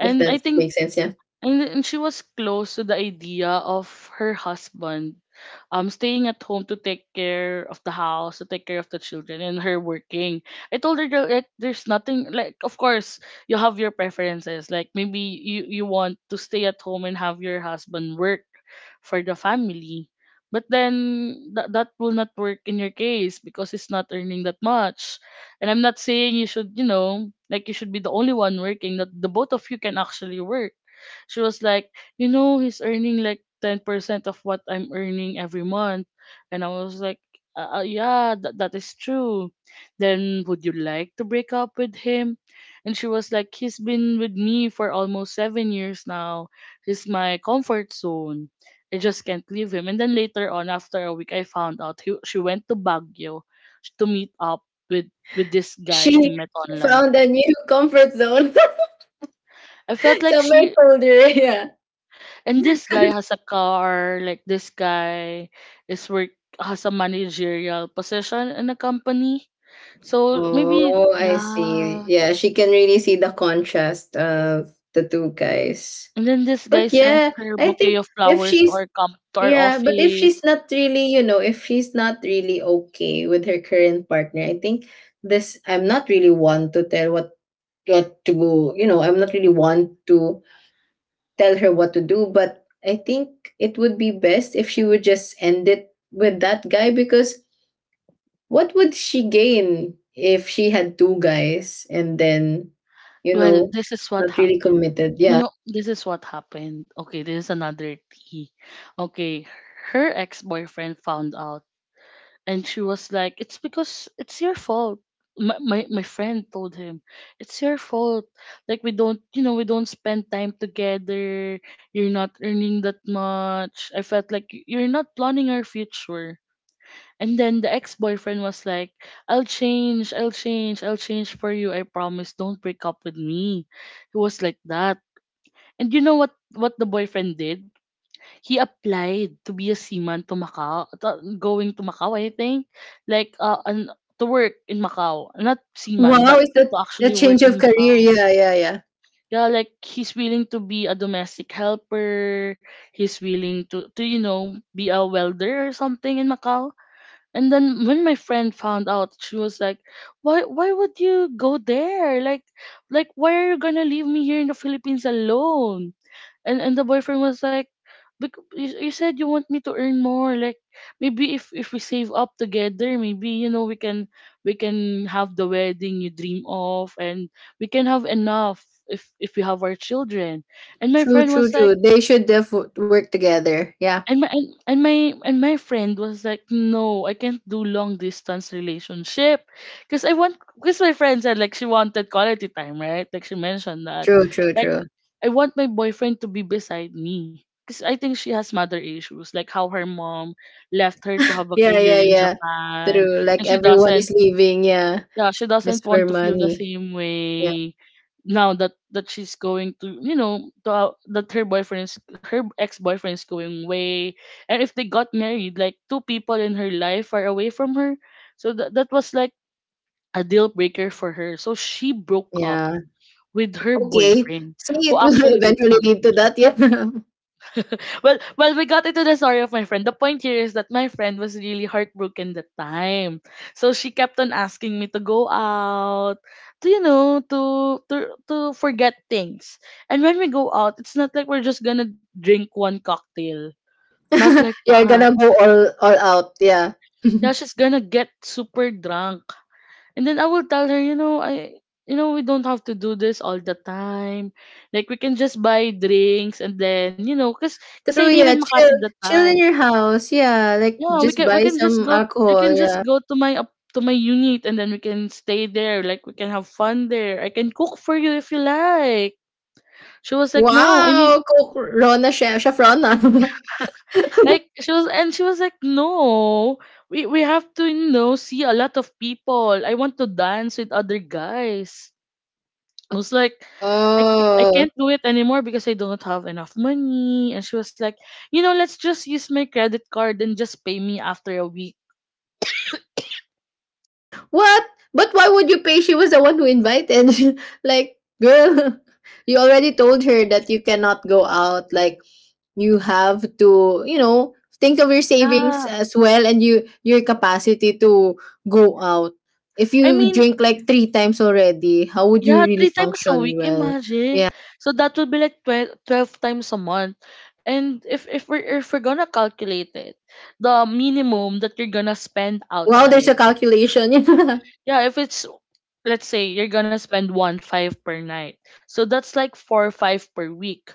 [SPEAKER 2] if
[SPEAKER 1] I
[SPEAKER 2] that
[SPEAKER 1] think
[SPEAKER 2] makes sense, yeah.
[SPEAKER 1] and she was close to the idea of her husband staying at home to take care of the house, to take care of the children, and her working. I told her that like, there's nothing, like of course you have your preferences. Like maybe you, want to stay at home and have your husband work for the family. But then that will not work in your case because it's not earning that much. And I'm not saying you should, you know, like you should be the only one working, that the both of you can actually work. She was like, you know, he's earning like 10% of what I'm earning every month. And I was like, yeah, that is true. Then would you like to break up with him? And she was like, he's been with me for almost 7 years now. He's my comfort zone. I just can't leave him. And then later on, after a week, I found out she went to Baguio to meet up with with this
[SPEAKER 2] She
[SPEAKER 1] guy he
[SPEAKER 2] she
[SPEAKER 1] met online.
[SPEAKER 2] found a new comfort zone,
[SPEAKER 1] I felt like
[SPEAKER 2] somewhere
[SPEAKER 1] she.
[SPEAKER 2] colder, yeah.
[SPEAKER 1] And this guy has a car, like this guy is work has a managerial position in a company. So maybe
[SPEAKER 2] Oh, I
[SPEAKER 1] yeah.
[SPEAKER 2] see. Yeah, she can really see the contrast of the two guys.
[SPEAKER 1] And then this guy
[SPEAKER 2] But
[SPEAKER 1] sent
[SPEAKER 2] yeah,
[SPEAKER 1] her
[SPEAKER 2] I
[SPEAKER 1] bouquet
[SPEAKER 2] think
[SPEAKER 1] of
[SPEAKER 2] if
[SPEAKER 1] flowers to
[SPEAKER 2] she's
[SPEAKER 1] our com to our
[SPEAKER 2] yeah, but if
[SPEAKER 1] office.
[SPEAKER 2] she's not really, if she's not really okay with her current partner. I think this I'm not really one to tell what I'm not really one to tell her what to do, but I think it would be best if she would just end it with that guy, because what would she gain if she had 2 guys and then, you
[SPEAKER 1] Well,
[SPEAKER 2] know,
[SPEAKER 1] this is what
[SPEAKER 2] not really
[SPEAKER 1] happened.
[SPEAKER 2] committed?
[SPEAKER 1] You
[SPEAKER 2] Yeah.
[SPEAKER 1] know, this is what happened. Okay, this is another tea. Okay, her ex-boyfriend found out, and she was like, it's because it's your fault. My my friend told him, it's your fault. Like we don't, you know, we don't spend time together, you're not earning that much, I felt like you're not planning our future. And then the ex-boyfriend was like, I'll change for you, I promise, don't break up with me. He was like that. And you know what the boyfriend did? He applied to be a seaman to Macau, going to Macau, I think, like to work in Macau, not seaman, but
[SPEAKER 2] Wow, is
[SPEAKER 1] to
[SPEAKER 2] that the
[SPEAKER 1] actually work
[SPEAKER 2] change of
[SPEAKER 1] in
[SPEAKER 2] career?
[SPEAKER 1] Macau.
[SPEAKER 2] Yeah, yeah, yeah.
[SPEAKER 1] Yeah, like he's willing to be a domestic helper. He's willing to, you know, be a welder or something in Macau. And then when my friend found out, she was like, why would you go there? Like why are you gonna leave me here in the Philippines alone?" And the boyfriend was like, you, said you want me to earn more, like maybe if we save up together, maybe you know we can, we can have the wedding you dream of, and we can have enough if we have our children." And my
[SPEAKER 2] True,
[SPEAKER 1] friend
[SPEAKER 2] true,
[SPEAKER 1] was like,
[SPEAKER 2] true. They should work together. Yeah.
[SPEAKER 1] and my friend was like, no, I can't do long distance relationship because I want because my friend said like she wanted quality time, right? Like she mentioned that,
[SPEAKER 2] True, true,
[SPEAKER 1] like
[SPEAKER 2] true.
[SPEAKER 1] I want my boyfriend to be beside me. Because I think she has mother issues, like how her mom left her to have a
[SPEAKER 2] Yeah,
[SPEAKER 1] career
[SPEAKER 2] yeah,
[SPEAKER 1] in
[SPEAKER 2] yeah.
[SPEAKER 1] Japan,
[SPEAKER 2] True. Like,
[SPEAKER 1] and she
[SPEAKER 2] everyone
[SPEAKER 1] doesn't,
[SPEAKER 2] is leaving, yeah.
[SPEAKER 1] yeah, she doesn't
[SPEAKER 2] Just for
[SPEAKER 1] want to feel the
[SPEAKER 2] money.
[SPEAKER 1] same
[SPEAKER 2] Yeah.
[SPEAKER 1] way now that she's going to, you know, that her boyfriend is, her ex boyfriend is going away, and if they got married, like two people in her life are away from her. So that was like a deal breaker for her. So she broke up
[SPEAKER 2] Yeah.
[SPEAKER 1] with her
[SPEAKER 2] Okay.
[SPEAKER 1] boyfriend,
[SPEAKER 2] See,
[SPEAKER 1] who
[SPEAKER 2] it will
[SPEAKER 1] actually did
[SPEAKER 2] eventually lead to
[SPEAKER 1] something.
[SPEAKER 2] that. Yeah.
[SPEAKER 1] Well, well, we got into the story of my friend. The point here is that my friend was really heartbroken that time, so she kept on asking me to go out, to to to forget things. And when we go out, it's not like we're just gonna drink one cocktail. Not like
[SPEAKER 2] You're
[SPEAKER 1] that.
[SPEAKER 2] gonna go all out. Yeah.
[SPEAKER 1] Yeah, she's gonna get super drunk, and then I will tell her, you know, I. We don't have to do this all the time. Like, we can just buy drinks and then, because cause I
[SPEAKER 2] True,
[SPEAKER 1] live in
[SPEAKER 2] yeah. Chill,
[SPEAKER 1] Makati that
[SPEAKER 2] chill in
[SPEAKER 1] time.
[SPEAKER 2] your house. Yeah, like,
[SPEAKER 1] Yeah,
[SPEAKER 2] just
[SPEAKER 1] we
[SPEAKER 2] buy
[SPEAKER 1] can just
[SPEAKER 2] some
[SPEAKER 1] go we
[SPEAKER 2] alcohol.
[SPEAKER 1] can just
[SPEAKER 2] Yeah.
[SPEAKER 1] go to my up to my unit, and then we can stay there. Like, we can have fun there. I can cook for you if you like. She was like, "No, I need,"
[SPEAKER 2] Wow, Coke Rona, Chef, Chef Rona.
[SPEAKER 1] she was like, "No. We have to, see a lot of people. I want to dance with other guys." I was like, I
[SPEAKER 2] Oh.
[SPEAKER 1] can't do it anymore because I don't have enough money. And she was like, let's just use my credit card and just pay me after a week.
[SPEAKER 2] What? But why would you pay? She was the one who invited. Like, girl, you already told her that you cannot go out. Like, you have to, think of your savings
[SPEAKER 1] Yeah.
[SPEAKER 2] as well, and your capacity to go out. If
[SPEAKER 1] I
[SPEAKER 2] you
[SPEAKER 1] mean,
[SPEAKER 2] drink like three times already, how would you
[SPEAKER 1] yeah,
[SPEAKER 2] really
[SPEAKER 1] 3 times a
[SPEAKER 2] function
[SPEAKER 1] week,
[SPEAKER 2] well?
[SPEAKER 1] imagine.
[SPEAKER 2] Yeah.
[SPEAKER 1] So that would be like 12, twelve times a month. And if we're gonna calculate it, the minimum that you're gonna spend
[SPEAKER 2] Wow, there's
[SPEAKER 1] outside.
[SPEAKER 2] a calculation.
[SPEAKER 1] Yeah, if it's let's say you're gonna spend one five per night. So that's like four or five per week.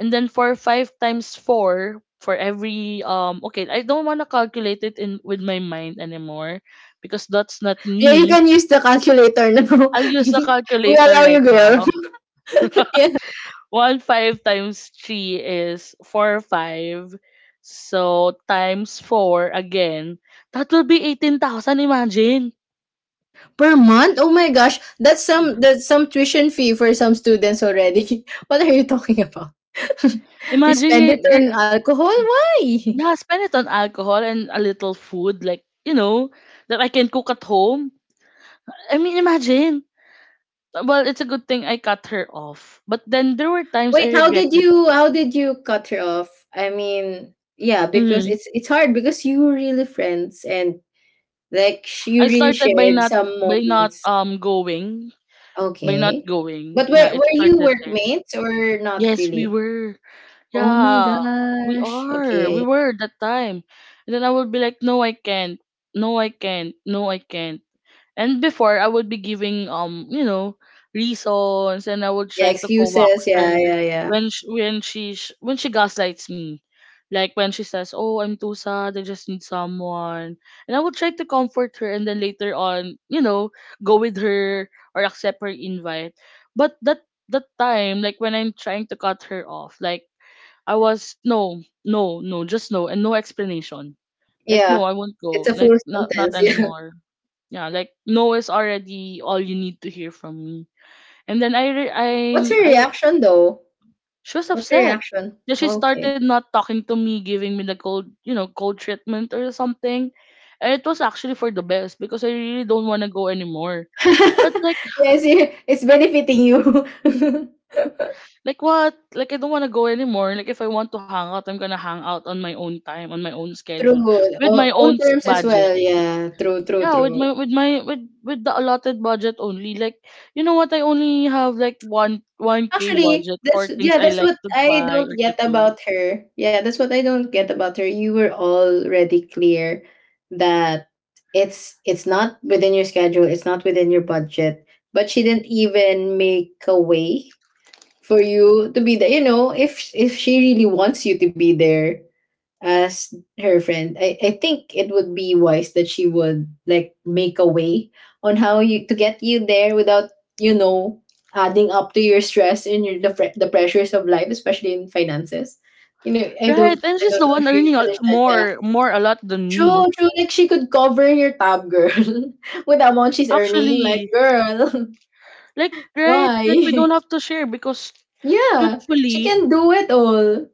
[SPEAKER 1] And then four or five times four for every, okay, I don't wanna calculate it in with my mind anymore because that's not
[SPEAKER 2] Yeah, you
[SPEAKER 1] me.
[SPEAKER 2] can use the calculator now.
[SPEAKER 1] I'll use the
[SPEAKER 2] We
[SPEAKER 1] calculator
[SPEAKER 2] allow you,
[SPEAKER 1] right
[SPEAKER 2] girl.
[SPEAKER 1] now. One five times three is four five. So times four again, that will be 18,000. Imagine,
[SPEAKER 2] Per month? Oh my gosh, that's some tuition fee for some students already. What are you talking about? You
[SPEAKER 1] imagine
[SPEAKER 2] spend
[SPEAKER 1] you're,
[SPEAKER 2] it
[SPEAKER 1] you're
[SPEAKER 2] on alcohol? Why?
[SPEAKER 1] yeah, spend it on alcohol and a little food, like you know that I can cook at home. I mean, imagine. Well, it's a good thing I cut her off, but then there were times
[SPEAKER 2] Wait,
[SPEAKER 1] I
[SPEAKER 2] how did
[SPEAKER 1] regretted.
[SPEAKER 2] you how did you cut her off? I mean, yeah, because
[SPEAKER 1] Mm.
[SPEAKER 2] it's hard, because you were really friends, and, like, you
[SPEAKER 1] I
[SPEAKER 2] really
[SPEAKER 1] started
[SPEAKER 2] shared some
[SPEAKER 1] by not
[SPEAKER 2] moments.
[SPEAKER 1] um going by not
[SPEAKER 2] Okay. But
[SPEAKER 1] going. Yeah,
[SPEAKER 2] were
[SPEAKER 1] it
[SPEAKER 2] were you
[SPEAKER 1] started there.
[SPEAKER 2] workmates or not
[SPEAKER 1] Yes, we
[SPEAKER 2] really?
[SPEAKER 1] were.
[SPEAKER 2] Oh my
[SPEAKER 1] Yeah, we
[SPEAKER 2] gosh.
[SPEAKER 1] are. We
[SPEAKER 2] Okay.
[SPEAKER 1] were that time. And then I would be like, no, I can't. No, I can't. No, I can't. And before, I would be giving, reasons, and I would
[SPEAKER 2] Yeah,
[SPEAKER 1] try to
[SPEAKER 2] excuses.
[SPEAKER 1] coax
[SPEAKER 2] Yeah,
[SPEAKER 1] her
[SPEAKER 2] yeah, yeah.
[SPEAKER 1] when she gaslights me, like when she says, "Oh, I'm too sad. I just need someone," and I would try to comfort her, and then later on, go with her or accept her invite. But that time, like when I'm trying to cut her off, like I was no, no, no, just no, and no explanation. Like no,
[SPEAKER 2] Yeah,
[SPEAKER 1] I won't go.
[SPEAKER 2] it's a full
[SPEAKER 1] Like not
[SPEAKER 2] sentence. Yeah.
[SPEAKER 1] anymore. Yeah, like no is already all you need to hear from me. And then I re-
[SPEAKER 2] What's your
[SPEAKER 1] I
[SPEAKER 2] reaction though?
[SPEAKER 1] she was
[SPEAKER 2] What's your
[SPEAKER 1] upset.
[SPEAKER 2] reaction?
[SPEAKER 1] Then she
[SPEAKER 2] Okay.
[SPEAKER 1] started not talking to me, giving me the cold, cold treatment or something. And it was actually for the best because I really don't want to go anymore. But like
[SPEAKER 2] Yes, yeah, it's benefiting you.
[SPEAKER 1] like what? Like, I don't want to go anymore. Like, if I want to hang out, I'm gonna hang out on my own time, on my own schedule,
[SPEAKER 2] True.
[SPEAKER 1] with my own
[SPEAKER 2] Own terms as
[SPEAKER 1] budget.
[SPEAKER 2] well. Yeah. True. True.
[SPEAKER 1] Yeah, with
[SPEAKER 2] True.
[SPEAKER 1] my with my with the allotted budget only. Like, you know what, I only have like one k
[SPEAKER 2] Actually,
[SPEAKER 1] budget
[SPEAKER 2] that's,
[SPEAKER 1] for things
[SPEAKER 2] yeah.
[SPEAKER 1] I
[SPEAKER 2] That's
[SPEAKER 1] like
[SPEAKER 2] what
[SPEAKER 1] to
[SPEAKER 2] I
[SPEAKER 1] buy
[SPEAKER 2] don't
[SPEAKER 1] or to
[SPEAKER 2] get
[SPEAKER 1] do.
[SPEAKER 2] about her. Yeah, that's what I don't get about her. You were already clear that it's not within your schedule. It's not within your budget. But she didn't even make a way for you to be there. If she really wants you to be there as her friend, I think it would be wise that she would like make a way on how you to get you there without, you know, adding up to your stress and the pressures of life, especially in finances. I
[SPEAKER 1] Right,
[SPEAKER 2] don't
[SPEAKER 1] and
[SPEAKER 2] I
[SPEAKER 1] she's
[SPEAKER 2] don't
[SPEAKER 1] the
[SPEAKER 2] know
[SPEAKER 1] one
[SPEAKER 2] if you
[SPEAKER 1] earning a,
[SPEAKER 2] understand. Yeah.
[SPEAKER 1] more more a lot than
[SPEAKER 2] True,
[SPEAKER 1] me.
[SPEAKER 2] true. Like, she could cover your tab, girl, with the amount she's earning. Like,
[SPEAKER 1] Actually,
[SPEAKER 2] girl,
[SPEAKER 1] like, right, like we
[SPEAKER 2] why?
[SPEAKER 1] don't have to share, because
[SPEAKER 2] Yeah, she
[SPEAKER 1] truthfully,
[SPEAKER 2] can do it all.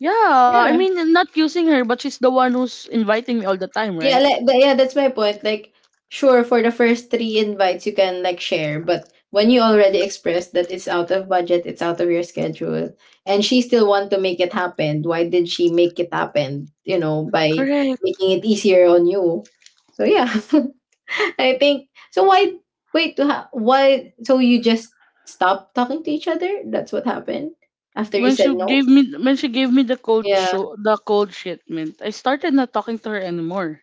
[SPEAKER 1] yeah, I
[SPEAKER 2] Yeah.
[SPEAKER 1] mean, I'm not using her, but she's the one who's inviting me all the time,
[SPEAKER 2] Yeah,
[SPEAKER 1] right?
[SPEAKER 2] like, but yeah, that's my point. Like, sure, for the first three invites you can, like, share, but when you already expressed that it's out of budget, it's out of your schedule, and she still want to make it happen, why did she make it happen? By
[SPEAKER 1] Correct.
[SPEAKER 2] making it easier on you. So yeah, I think so. Why wait? Why, so you just stop talking to each other? That's what happened after you
[SPEAKER 1] When
[SPEAKER 2] said
[SPEAKER 1] she
[SPEAKER 2] no.
[SPEAKER 1] gave me when she gave me the cold
[SPEAKER 2] Yeah.
[SPEAKER 1] show the cold shipment, I started not talking to her anymore.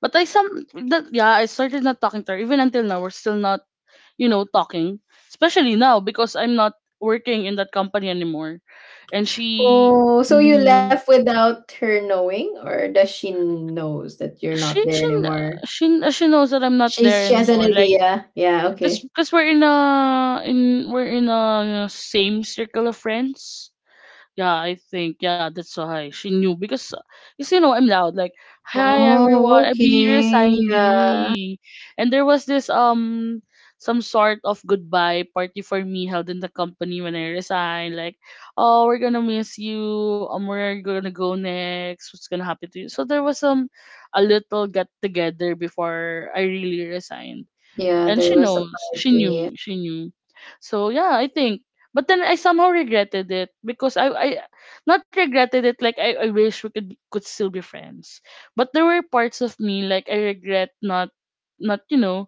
[SPEAKER 1] But I some that Yeah, I started not talking to her. Even until now, we're still not, talking. Especially now, because I'm not working in that company anymore, and she...
[SPEAKER 2] Oh, so you left
[SPEAKER 1] Mhm.
[SPEAKER 2] without her knowing, or does she knows that you're
[SPEAKER 1] she
[SPEAKER 2] not there
[SPEAKER 1] she kn-
[SPEAKER 2] anymore?
[SPEAKER 1] she knows that I'm not
[SPEAKER 2] She's
[SPEAKER 1] there
[SPEAKER 2] she has an
[SPEAKER 1] anymore. Like,
[SPEAKER 2] idea. Yeah,
[SPEAKER 1] cause,
[SPEAKER 2] okay.
[SPEAKER 1] cause we're in a same circle of friends. Yeah, I think, yeah, that's why she knew, because you know, I'm loud. Like, hi everyone,
[SPEAKER 2] Oh,
[SPEAKER 1] I be
[SPEAKER 2] okay. Yeah.
[SPEAKER 1] resigning. And there was this some sort of goodbye party for me held in the company when I resigned. Like, "Oh, we're gonna miss you, where are you gonna go next, what's gonna happen to you?" So there was a little get together before I really resigned.
[SPEAKER 2] Yeah,
[SPEAKER 1] And
[SPEAKER 2] there
[SPEAKER 1] she
[SPEAKER 2] was a
[SPEAKER 1] knows she
[SPEAKER 2] party.
[SPEAKER 1] knew she knew So yeah, I think, but then I somehow regretted it, because I not regretted it, like I wish we could still be friends, but there were parts of me like, I regret not, not you know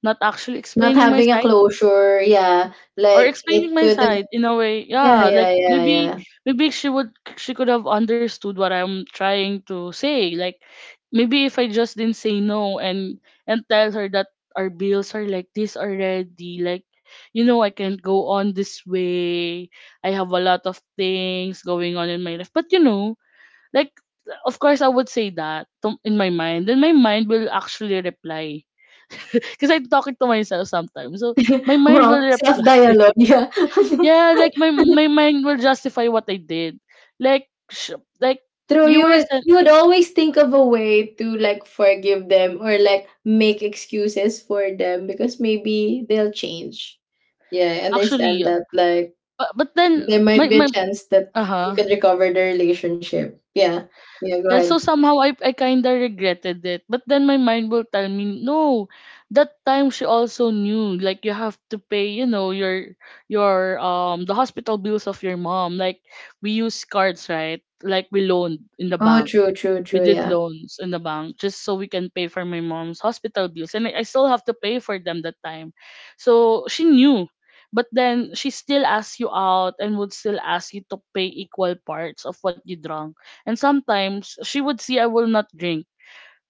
[SPEAKER 1] not actually
[SPEAKER 2] Not
[SPEAKER 1] explaining my
[SPEAKER 2] having a
[SPEAKER 1] side,
[SPEAKER 2] closure, yeah.
[SPEAKER 1] or
[SPEAKER 2] Like
[SPEAKER 1] explaining
[SPEAKER 2] it
[SPEAKER 1] my
[SPEAKER 2] could,
[SPEAKER 1] side in a way.
[SPEAKER 2] yeah,
[SPEAKER 1] Yeah,
[SPEAKER 2] yeah,
[SPEAKER 1] like,
[SPEAKER 2] yeah,
[SPEAKER 1] maybe,
[SPEAKER 2] yeah.
[SPEAKER 1] maybe she could have understood what I'm trying to say. Like, maybe if I just didn't say no, and tell her that our bills are like this already, like, you know, I can't go on this way, I have a lot of things going on in my life, but you know. Like, of course I would say that to, in my mind, then my mind will actually reply. Because I talk it to myself sometimes. So my mind
[SPEAKER 2] Wow,
[SPEAKER 1] will
[SPEAKER 2] self
[SPEAKER 1] reply,
[SPEAKER 2] dialogue, yeah.
[SPEAKER 1] yeah, like my mind will justify what I did. Like like,
[SPEAKER 2] True,
[SPEAKER 1] you
[SPEAKER 2] you
[SPEAKER 1] were
[SPEAKER 2] would
[SPEAKER 1] sent
[SPEAKER 2] you would always think of a way to like forgive them or like make excuses for them because maybe they'll change. Yeah, I understand
[SPEAKER 1] actually.
[SPEAKER 2] that. Like
[SPEAKER 1] but, but then
[SPEAKER 2] there might
[SPEAKER 1] my
[SPEAKER 2] be a
[SPEAKER 1] my
[SPEAKER 2] chance that
[SPEAKER 1] uh
[SPEAKER 2] you
[SPEAKER 1] huh.
[SPEAKER 2] can recover the relationship. Yeah. Yeah, go
[SPEAKER 1] Yeah,
[SPEAKER 2] ahead.
[SPEAKER 1] so somehow I kinda regretted it. But then my mind will tell me no. That time she also knew, like, you have to pay, your the hospital bills of your mom. Like, we use cards, right? Like,
[SPEAKER 2] Oh true, true,
[SPEAKER 1] we
[SPEAKER 2] true,
[SPEAKER 1] did
[SPEAKER 2] yeah.
[SPEAKER 1] loans in the bank just so we can pay for my mom's hospital bills. And I still have to pay for them that time, so she knew. But then she still asks you out and would still ask you to pay equal parts of what you drunk. And sometimes she would see, I will not drink.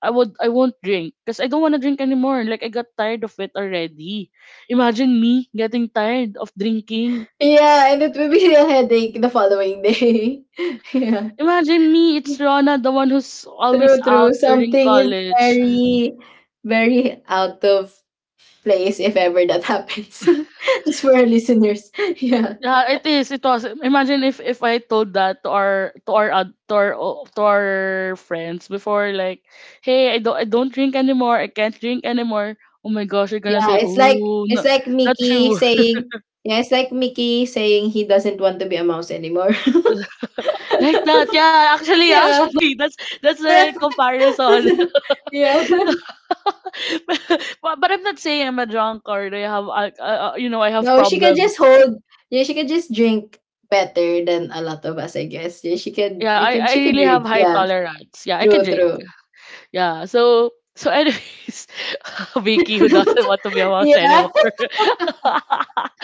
[SPEAKER 1] I won't drink, because I don't want to drink anymore. Like, I got tired of it already. Imagine me getting tired of drinking.
[SPEAKER 2] Yeah, and it will be a headache the following day. Yeah.
[SPEAKER 1] Imagine me, it's Rona, the one who's always
[SPEAKER 2] True, true.
[SPEAKER 1] out during
[SPEAKER 2] Something is
[SPEAKER 1] college.
[SPEAKER 2] very, very out of place if ever that happens. Just for our listeners. Yeah.
[SPEAKER 1] Yeah, it is. It was. Imagine if I told that to our ad- to our friends before, like, "Hey, I don't drink anymore. I can't drink anymore." Oh my gosh, you're gonna
[SPEAKER 2] Yeah,
[SPEAKER 1] say,
[SPEAKER 2] it's like
[SPEAKER 1] "Oh,
[SPEAKER 2] it's
[SPEAKER 1] no,
[SPEAKER 2] like
[SPEAKER 1] not
[SPEAKER 2] Mickey
[SPEAKER 1] true."
[SPEAKER 2] saying, yeah, it's like Mickey saying he doesn't want to be a mouse anymore.
[SPEAKER 1] Like that. Yeah, actually,
[SPEAKER 2] Yeah.
[SPEAKER 1] actually, that's the right comparison.
[SPEAKER 2] Yeah.
[SPEAKER 1] But I'm not saying I'm a drunk or I have
[SPEAKER 2] No, she can just
[SPEAKER 1] problems.
[SPEAKER 2] hold, yeah, she can just drink better than a lot of us, I guess. Yeah, she can
[SPEAKER 1] Yeah,
[SPEAKER 2] you
[SPEAKER 1] I,
[SPEAKER 2] can
[SPEAKER 1] I
[SPEAKER 2] she can
[SPEAKER 1] really have
[SPEAKER 2] drink,
[SPEAKER 1] high
[SPEAKER 2] yeah.
[SPEAKER 1] tolerance. Yeah, I can
[SPEAKER 2] True,
[SPEAKER 1] drink.
[SPEAKER 2] true.
[SPEAKER 1] Yeah, so anyways, Vicky who doesn't want to be a mouse anymore.
[SPEAKER 2] Yeah.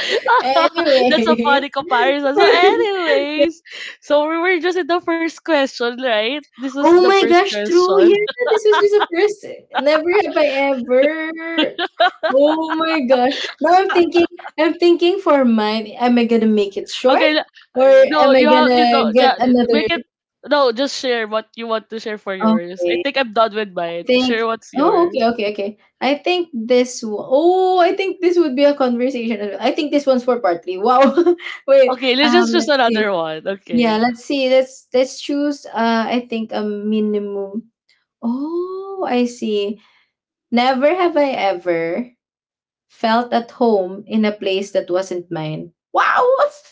[SPEAKER 1] That's a
[SPEAKER 2] Anyways.
[SPEAKER 1] funny comparison. So anyways, so we were just in the first question, right? This was the
[SPEAKER 2] Oh my
[SPEAKER 1] first
[SPEAKER 2] gosh, true.
[SPEAKER 1] question.
[SPEAKER 2] Yeah, this was just the first. Never have I ever. Oh my gosh. Now I'm thinking for mine, am I gonna make it short
[SPEAKER 1] Okay,
[SPEAKER 2] or
[SPEAKER 1] no,
[SPEAKER 2] am I
[SPEAKER 1] you have to do,
[SPEAKER 2] gonna get
[SPEAKER 1] yeah,
[SPEAKER 2] another?
[SPEAKER 1] make it, no, just share what you want to share for
[SPEAKER 2] Okay.
[SPEAKER 1] yours. I think I'm done with
[SPEAKER 2] I
[SPEAKER 1] mine.
[SPEAKER 2] think,
[SPEAKER 1] Share what's
[SPEAKER 2] oh,
[SPEAKER 1] yours.
[SPEAKER 2] okay, okay, okay. I think this would be a conversation as well. I think this one's for part three. Wow. Wait,
[SPEAKER 1] Okay, let's just choose
[SPEAKER 2] let's see.
[SPEAKER 1] another one.
[SPEAKER 2] Yeah,
[SPEAKER 1] Okay.
[SPEAKER 2] let's see. Let's choose I think a minimum. Oh, I see. Never have I ever felt at home in a place that wasn't mine. Wow!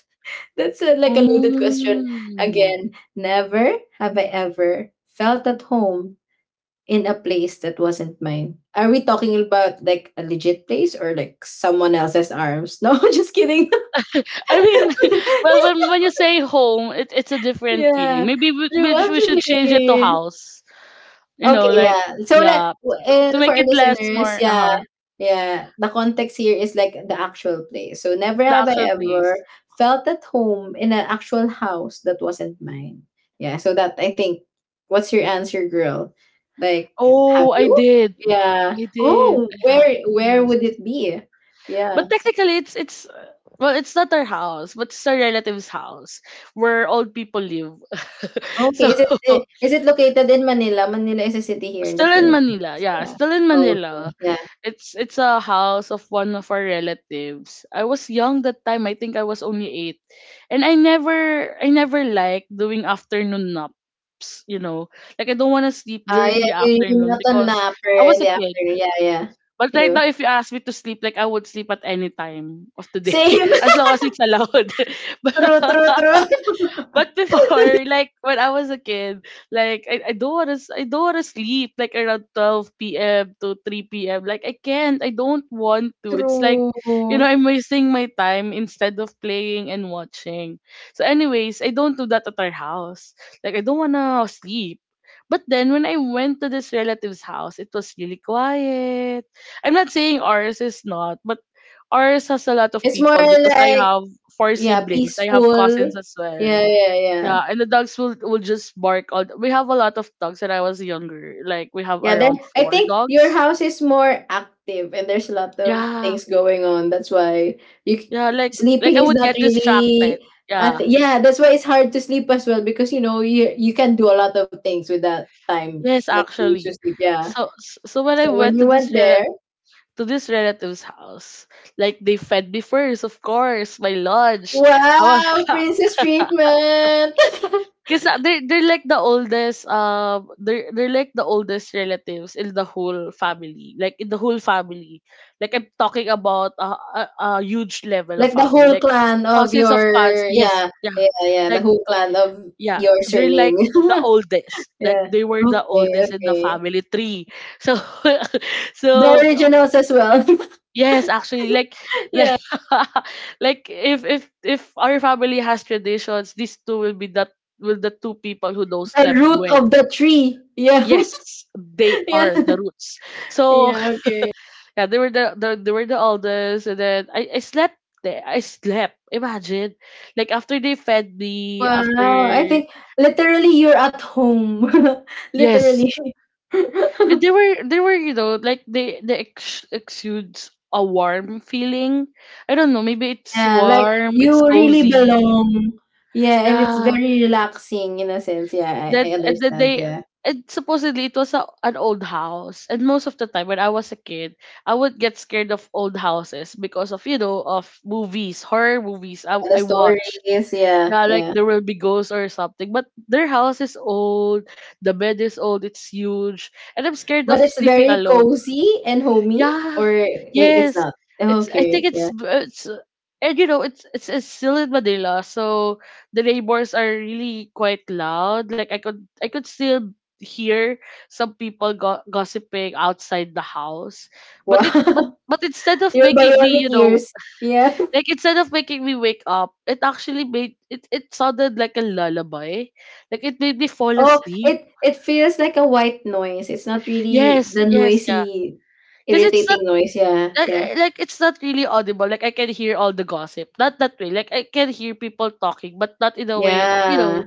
[SPEAKER 2] That's a, like a loaded question.
[SPEAKER 1] Hmm.
[SPEAKER 2] Again, never have I ever felt at home in a place that wasn't mine. Are we talking about like a legit place or like someone else's arms? No, just kidding.
[SPEAKER 1] I mean, well, when you say home, it's a different
[SPEAKER 2] Yeah,
[SPEAKER 1] feeling. Maybe we,
[SPEAKER 2] true,
[SPEAKER 1] we, sh- we should change it to
[SPEAKER 2] actually.
[SPEAKER 1] house. You
[SPEAKER 2] Okay,
[SPEAKER 1] know, like.
[SPEAKER 2] yeah. So like
[SPEAKER 1] Yeah, to, to
[SPEAKER 2] for
[SPEAKER 1] make
[SPEAKER 2] our
[SPEAKER 1] it less,
[SPEAKER 2] listeners,
[SPEAKER 1] more,
[SPEAKER 2] yeah,
[SPEAKER 1] uh-huh,
[SPEAKER 2] yeah. The context here is like the actual place. So never
[SPEAKER 1] the
[SPEAKER 2] have I
[SPEAKER 1] actual
[SPEAKER 2] ever
[SPEAKER 1] place.
[SPEAKER 2] felt at home in an actual house that wasn't mine. Yeah. So that I think, what's your answer, girl? Like, have
[SPEAKER 1] Oh, I
[SPEAKER 2] you?
[SPEAKER 1] did.
[SPEAKER 2] Yeah.
[SPEAKER 1] I did.
[SPEAKER 2] Oh,
[SPEAKER 1] Yeah,
[SPEAKER 2] where
[SPEAKER 1] yes.
[SPEAKER 2] would it be? Yeah.
[SPEAKER 1] But technically, well, it's not our house, but it's our relative's house where old people live.
[SPEAKER 2] Okay.
[SPEAKER 1] So.
[SPEAKER 2] Is it is it located in Manila? Manila is a city here in the
[SPEAKER 1] Still in
[SPEAKER 2] Philippines.
[SPEAKER 1] Manila. Yeah,
[SPEAKER 2] Yeah.
[SPEAKER 1] still in
[SPEAKER 2] Okay.
[SPEAKER 1] Manila.
[SPEAKER 2] Yeah.
[SPEAKER 1] It's a house of one of our relatives. I was young that time. I think I was only eight, and I never liked doing afternoon naps. You know, like, I don't want to sleep
[SPEAKER 2] Ah,
[SPEAKER 1] during
[SPEAKER 2] yeah,
[SPEAKER 1] the
[SPEAKER 2] you're
[SPEAKER 1] afternoon,
[SPEAKER 2] not a
[SPEAKER 1] because
[SPEAKER 2] napper
[SPEAKER 1] I was
[SPEAKER 2] in
[SPEAKER 1] a
[SPEAKER 2] the
[SPEAKER 1] kid.
[SPEAKER 2] afternoon. Yeah, yeah.
[SPEAKER 1] But right
[SPEAKER 2] True.
[SPEAKER 1] now, if you ask me to sleep, like, I would sleep at any time of the day
[SPEAKER 2] Same.
[SPEAKER 1] as long as it's allowed.
[SPEAKER 2] True, true, true.
[SPEAKER 1] But before, like when I was a kid, like I don't wanna sleep, like around 12 p.m. to three PM. Like, I can't, I don't want to. It's like,
[SPEAKER 2] True.
[SPEAKER 1] I'm wasting my time instead of playing and watching. So anyways, I don't do that at our house. Like, I don't wanna sleep. But then when I went to this relative's house, it was really quiet. I'm not saying ours is not, but ours has a lot of
[SPEAKER 2] It's more
[SPEAKER 1] people, because I
[SPEAKER 2] like,
[SPEAKER 1] have four
[SPEAKER 2] yeah,
[SPEAKER 1] siblings. I have
[SPEAKER 2] peaceful.
[SPEAKER 1] cousins as well.
[SPEAKER 2] Yeah, yeah, yeah.
[SPEAKER 1] Yeah, and the dogs will just bark, all we have a lot of dogs when I was younger. Like we have
[SPEAKER 2] Yeah, then
[SPEAKER 1] around
[SPEAKER 2] I
[SPEAKER 1] four
[SPEAKER 2] think your
[SPEAKER 1] dogs.
[SPEAKER 2] house is more active and there's a lot of
[SPEAKER 1] Yeah.
[SPEAKER 2] things going on. That's why you c-
[SPEAKER 1] Yeah, like I
[SPEAKER 2] sleeping is
[SPEAKER 1] would
[SPEAKER 2] not
[SPEAKER 1] get
[SPEAKER 2] really
[SPEAKER 1] distracted. Yeah.
[SPEAKER 2] yeah, that's why it's hard to sleep as well because you know you can do a lot of things with that time
[SPEAKER 1] Yes,
[SPEAKER 2] that you used to
[SPEAKER 1] actually.
[SPEAKER 2] sleep. Yeah.
[SPEAKER 1] So so when I
[SPEAKER 2] So when
[SPEAKER 1] went
[SPEAKER 2] you
[SPEAKER 1] to
[SPEAKER 2] went there,
[SPEAKER 1] to this relative's house, like they fed me first, of course, my lunch. I was
[SPEAKER 2] wow, princess treatment.
[SPEAKER 1] Because they're like the oldest, they're like the oldest relatives in the whole family, like in the whole family, like I'm talking about a huge level of
[SPEAKER 2] Like the
[SPEAKER 1] family,
[SPEAKER 2] whole
[SPEAKER 1] like
[SPEAKER 2] clan of
[SPEAKER 1] cousins of cousins,
[SPEAKER 2] your,
[SPEAKER 1] yes,
[SPEAKER 2] yeah,
[SPEAKER 1] yeah,
[SPEAKER 2] yeah, yeah, the
[SPEAKER 1] like,
[SPEAKER 2] whole clan of
[SPEAKER 1] yeah,
[SPEAKER 2] your
[SPEAKER 1] they're
[SPEAKER 2] surname.
[SPEAKER 1] like the oldest, like
[SPEAKER 2] Yeah.
[SPEAKER 1] they were the
[SPEAKER 2] Okay,
[SPEAKER 1] oldest in the
[SPEAKER 2] okay.
[SPEAKER 1] family tree. So
[SPEAKER 2] The
[SPEAKER 1] so
[SPEAKER 2] originals as well.
[SPEAKER 1] yes, actually, like
[SPEAKER 2] Yeah.
[SPEAKER 1] like if our family has traditions, these two will be that, will the two people who knows
[SPEAKER 2] The
[SPEAKER 1] them
[SPEAKER 2] root
[SPEAKER 1] well.
[SPEAKER 2] of the tree. Yeah.
[SPEAKER 1] Yes, they
[SPEAKER 2] Yeah.
[SPEAKER 1] are the roots. So
[SPEAKER 2] Yeah, okay.
[SPEAKER 1] yeah, they were the they were the oldest, and then I slept there. I slept. Imagine, like after they fed me, after
[SPEAKER 2] Wow, I think literally you're at home.
[SPEAKER 1] yes,
[SPEAKER 2] Literally.
[SPEAKER 1] and they were they were you know like they exudes a warm feeling. I don't know. Maybe it's
[SPEAKER 2] Yeah, like
[SPEAKER 1] warm. It's
[SPEAKER 2] you really
[SPEAKER 1] cozy.
[SPEAKER 2] belong. Yeah, and it's
[SPEAKER 1] Yeah.
[SPEAKER 2] very relaxing in a sense. Yeah,
[SPEAKER 1] that
[SPEAKER 2] I
[SPEAKER 1] that
[SPEAKER 2] understand.
[SPEAKER 1] they
[SPEAKER 2] Yeah.
[SPEAKER 1] And supposedly it was an old house, and most of the time when I was a kid, I would get scared of old houses because of, you know, of movies, horror movies i,
[SPEAKER 2] Yeah, the
[SPEAKER 1] I
[SPEAKER 2] story
[SPEAKER 1] watch.
[SPEAKER 2] is, yeah,
[SPEAKER 1] Yeah, like
[SPEAKER 2] yeah,
[SPEAKER 1] there will be ghosts or something, but their house is old, the bed is old, it's huge, and I'm scared of
[SPEAKER 2] but it's
[SPEAKER 1] sleeping
[SPEAKER 2] very
[SPEAKER 1] alone.
[SPEAKER 2] cozy and homey,
[SPEAKER 1] Yeah.
[SPEAKER 2] or it's
[SPEAKER 1] Yes.
[SPEAKER 2] not.
[SPEAKER 1] It's, I think
[SPEAKER 2] Okay, yeah.
[SPEAKER 1] it's it's uh, and you know it's still in Manila, so the neighbors are really quite loud. Like I could still hear some people gossiping outside the house. But it
[SPEAKER 2] Wow,
[SPEAKER 1] but instead of
[SPEAKER 2] your
[SPEAKER 1] making me,
[SPEAKER 2] bionic
[SPEAKER 1] you know,
[SPEAKER 2] ears. Yeah.
[SPEAKER 1] like instead of making me wake up, it actually made it, it sounded like a lullaby. Like it made me fall
[SPEAKER 2] Oh,
[SPEAKER 1] asleep.
[SPEAKER 2] it feels like a white noise. It's not really
[SPEAKER 1] Yes,
[SPEAKER 2] the
[SPEAKER 1] yes, yeah.
[SPEAKER 2] noisy,
[SPEAKER 1] Because it's not
[SPEAKER 2] irritating noise. Yeah,
[SPEAKER 1] like,
[SPEAKER 2] yeah,
[SPEAKER 1] eh, like it's not really audible. Like I can hear all the gossip. Not that way. Like I can hear people talking, but not in a way, you
[SPEAKER 2] yeah.
[SPEAKER 1] know,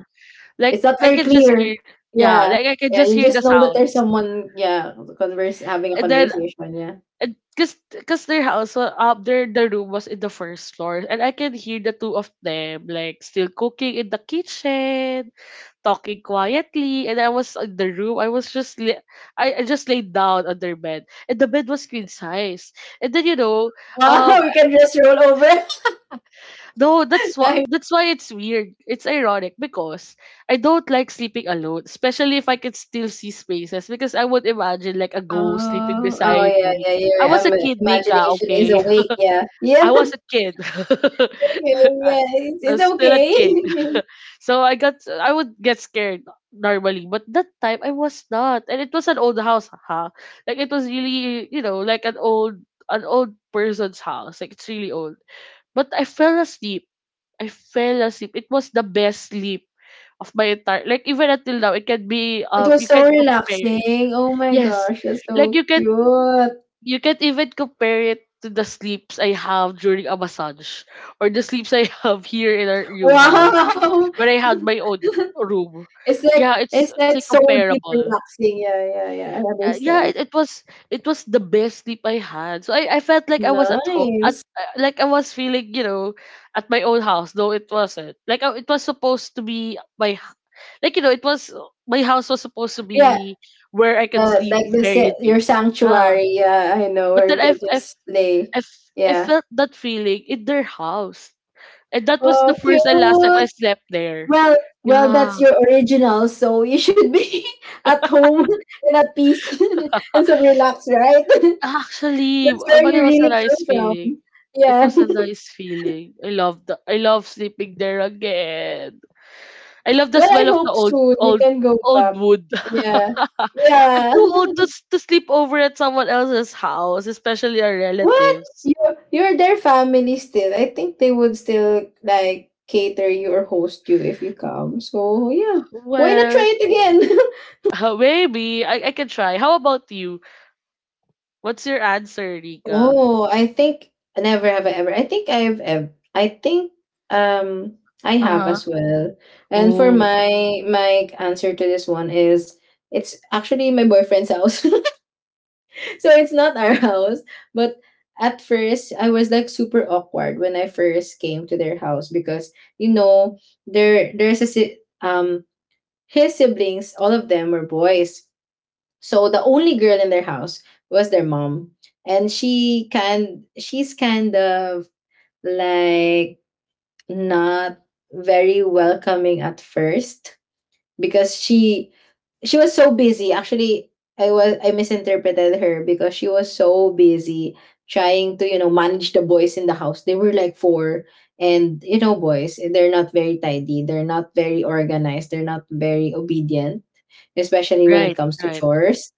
[SPEAKER 2] It's
[SPEAKER 1] like
[SPEAKER 2] not
[SPEAKER 1] I
[SPEAKER 2] very
[SPEAKER 1] can just
[SPEAKER 2] clear.
[SPEAKER 1] hear, yeah,
[SPEAKER 2] Yeah.
[SPEAKER 1] like I can
[SPEAKER 2] Yeah,
[SPEAKER 1] just
[SPEAKER 2] you
[SPEAKER 1] hear the
[SPEAKER 2] just know that there's
[SPEAKER 1] sounds.
[SPEAKER 2] someone, yeah, converse having a
[SPEAKER 1] And then
[SPEAKER 2] conversation, yeah.
[SPEAKER 1] and cause, cause their house wa- up their the room was in the first floor, and I can hear the two of them like still cooking in the kitchen, talking quietly, and I was in the room. I was just I just laid down on their bed. And the bed was queen size. And then you know,
[SPEAKER 2] Wow,
[SPEAKER 1] um
[SPEAKER 2] we can just roll over.
[SPEAKER 1] though that's why,
[SPEAKER 2] Nice.
[SPEAKER 1] that's why it's weird. It's ironic because I don't like sleeping alone, especially if I can still see spaces. Because I would imagine like a ghost sleeping
[SPEAKER 2] Oh
[SPEAKER 1] beside
[SPEAKER 2] yeah,
[SPEAKER 1] me.
[SPEAKER 2] yeah.
[SPEAKER 1] I
[SPEAKER 2] Your
[SPEAKER 1] was a kid, Nika.
[SPEAKER 2] imagination is
[SPEAKER 1] Okay,
[SPEAKER 2] awake. Yeah,
[SPEAKER 1] I
[SPEAKER 2] yeah.
[SPEAKER 1] was a kid.
[SPEAKER 2] Okay,
[SPEAKER 1] I,
[SPEAKER 2] yeah. It's,
[SPEAKER 1] I
[SPEAKER 2] it's
[SPEAKER 1] was still a kid,
[SPEAKER 2] okay.
[SPEAKER 1] so I got, I would get scared normally. But that time I was not, and it was an old house, huh? Like it was really, you know, like an old, an old person's house. Like it's really old. But I fell asleep. It was the best sleep of my entire, like even until now it can be,
[SPEAKER 2] It was
[SPEAKER 1] you
[SPEAKER 2] so
[SPEAKER 1] can compare it.
[SPEAKER 2] relaxing. Oh my
[SPEAKER 1] Yes.
[SPEAKER 2] gosh, that's
[SPEAKER 1] Like you
[SPEAKER 2] so
[SPEAKER 1] can,
[SPEAKER 2] cute.
[SPEAKER 1] you can't even compare it to the sleeps I have during a massage or the sleeps I have here in our new house
[SPEAKER 2] Wow.
[SPEAKER 1] when I had my own room.
[SPEAKER 2] it's like
[SPEAKER 1] Yeah, it's
[SPEAKER 2] it's
[SPEAKER 1] it's
[SPEAKER 2] like so deep
[SPEAKER 1] incomparable.
[SPEAKER 2] relaxing. Yeah, yeah, yeah. I
[SPEAKER 1] Yeah,
[SPEAKER 2] understand.
[SPEAKER 1] it was, it was the best sleep I had. So I felt like I was at home, at
[SPEAKER 2] Nice.
[SPEAKER 1] like I was feeling, you know, at my own house. No, it wasn't. Like, it was supposed to be like you know it was, my house was supposed to
[SPEAKER 2] Yeah.
[SPEAKER 1] be where I could sleep
[SPEAKER 2] Like the
[SPEAKER 1] very deep.
[SPEAKER 2] your
[SPEAKER 1] Yeah,
[SPEAKER 2] sanctuary. Yeah, I know
[SPEAKER 1] but
[SPEAKER 2] where you
[SPEAKER 1] then
[SPEAKER 2] can just play.
[SPEAKER 1] I I
[SPEAKER 2] Yeah.
[SPEAKER 1] felt that feeling in their house, and that was the
[SPEAKER 2] Oh,
[SPEAKER 1] first and last time I
[SPEAKER 2] cute.
[SPEAKER 1] slept there.
[SPEAKER 2] Well, well,
[SPEAKER 1] Yeah.
[SPEAKER 2] that's your original, so you should be at home and at peace and so relaxed, right?
[SPEAKER 1] Actually,
[SPEAKER 2] That's where
[SPEAKER 1] but
[SPEAKER 2] you
[SPEAKER 1] it was a
[SPEAKER 2] really
[SPEAKER 1] nice
[SPEAKER 2] came from.
[SPEAKER 1] feeling. It
[SPEAKER 2] Yeah.
[SPEAKER 1] was a nice feeling. I love the, I love sleeping there again. I love the
[SPEAKER 2] Well, I
[SPEAKER 1] smell of
[SPEAKER 2] hope
[SPEAKER 1] the old,
[SPEAKER 2] soon you
[SPEAKER 1] old,
[SPEAKER 2] can go
[SPEAKER 1] old
[SPEAKER 2] back.
[SPEAKER 1] wood.
[SPEAKER 2] Yeah.
[SPEAKER 1] I'm
[SPEAKER 2] Yeah.
[SPEAKER 1] too old to to sleep over at someone else's house, especially our
[SPEAKER 2] What?
[SPEAKER 1] relatives.
[SPEAKER 2] You're their family still. I think they would still like cater you or host you if you come. So yeah. Why not
[SPEAKER 1] Well,
[SPEAKER 2] try it again?
[SPEAKER 1] maybe I can try. How about you? What's your answer, Rika?
[SPEAKER 2] Oh, I think never have I ever. I think I've ever I think um I have
[SPEAKER 1] Uh-huh.
[SPEAKER 2] as well. And for
[SPEAKER 1] Oh,
[SPEAKER 2] my answer to this one is it's actually my boyfriend's house. So it's not our house, but at first I was like super awkward when I first came to their house, because you know there's a his siblings, all of them were boys, so the only girl in their house was their mom, and she's kind of like not very welcoming at first, because she was so busy. Actually, I misinterpreted her because she was so busy trying to, you know, manage the boys in the house. They were like four, and you know, boys, they're not very tidy, they're not very organized, they're not very obedient, especially when it
[SPEAKER 1] right,
[SPEAKER 2] comes to
[SPEAKER 1] right.
[SPEAKER 2] chores.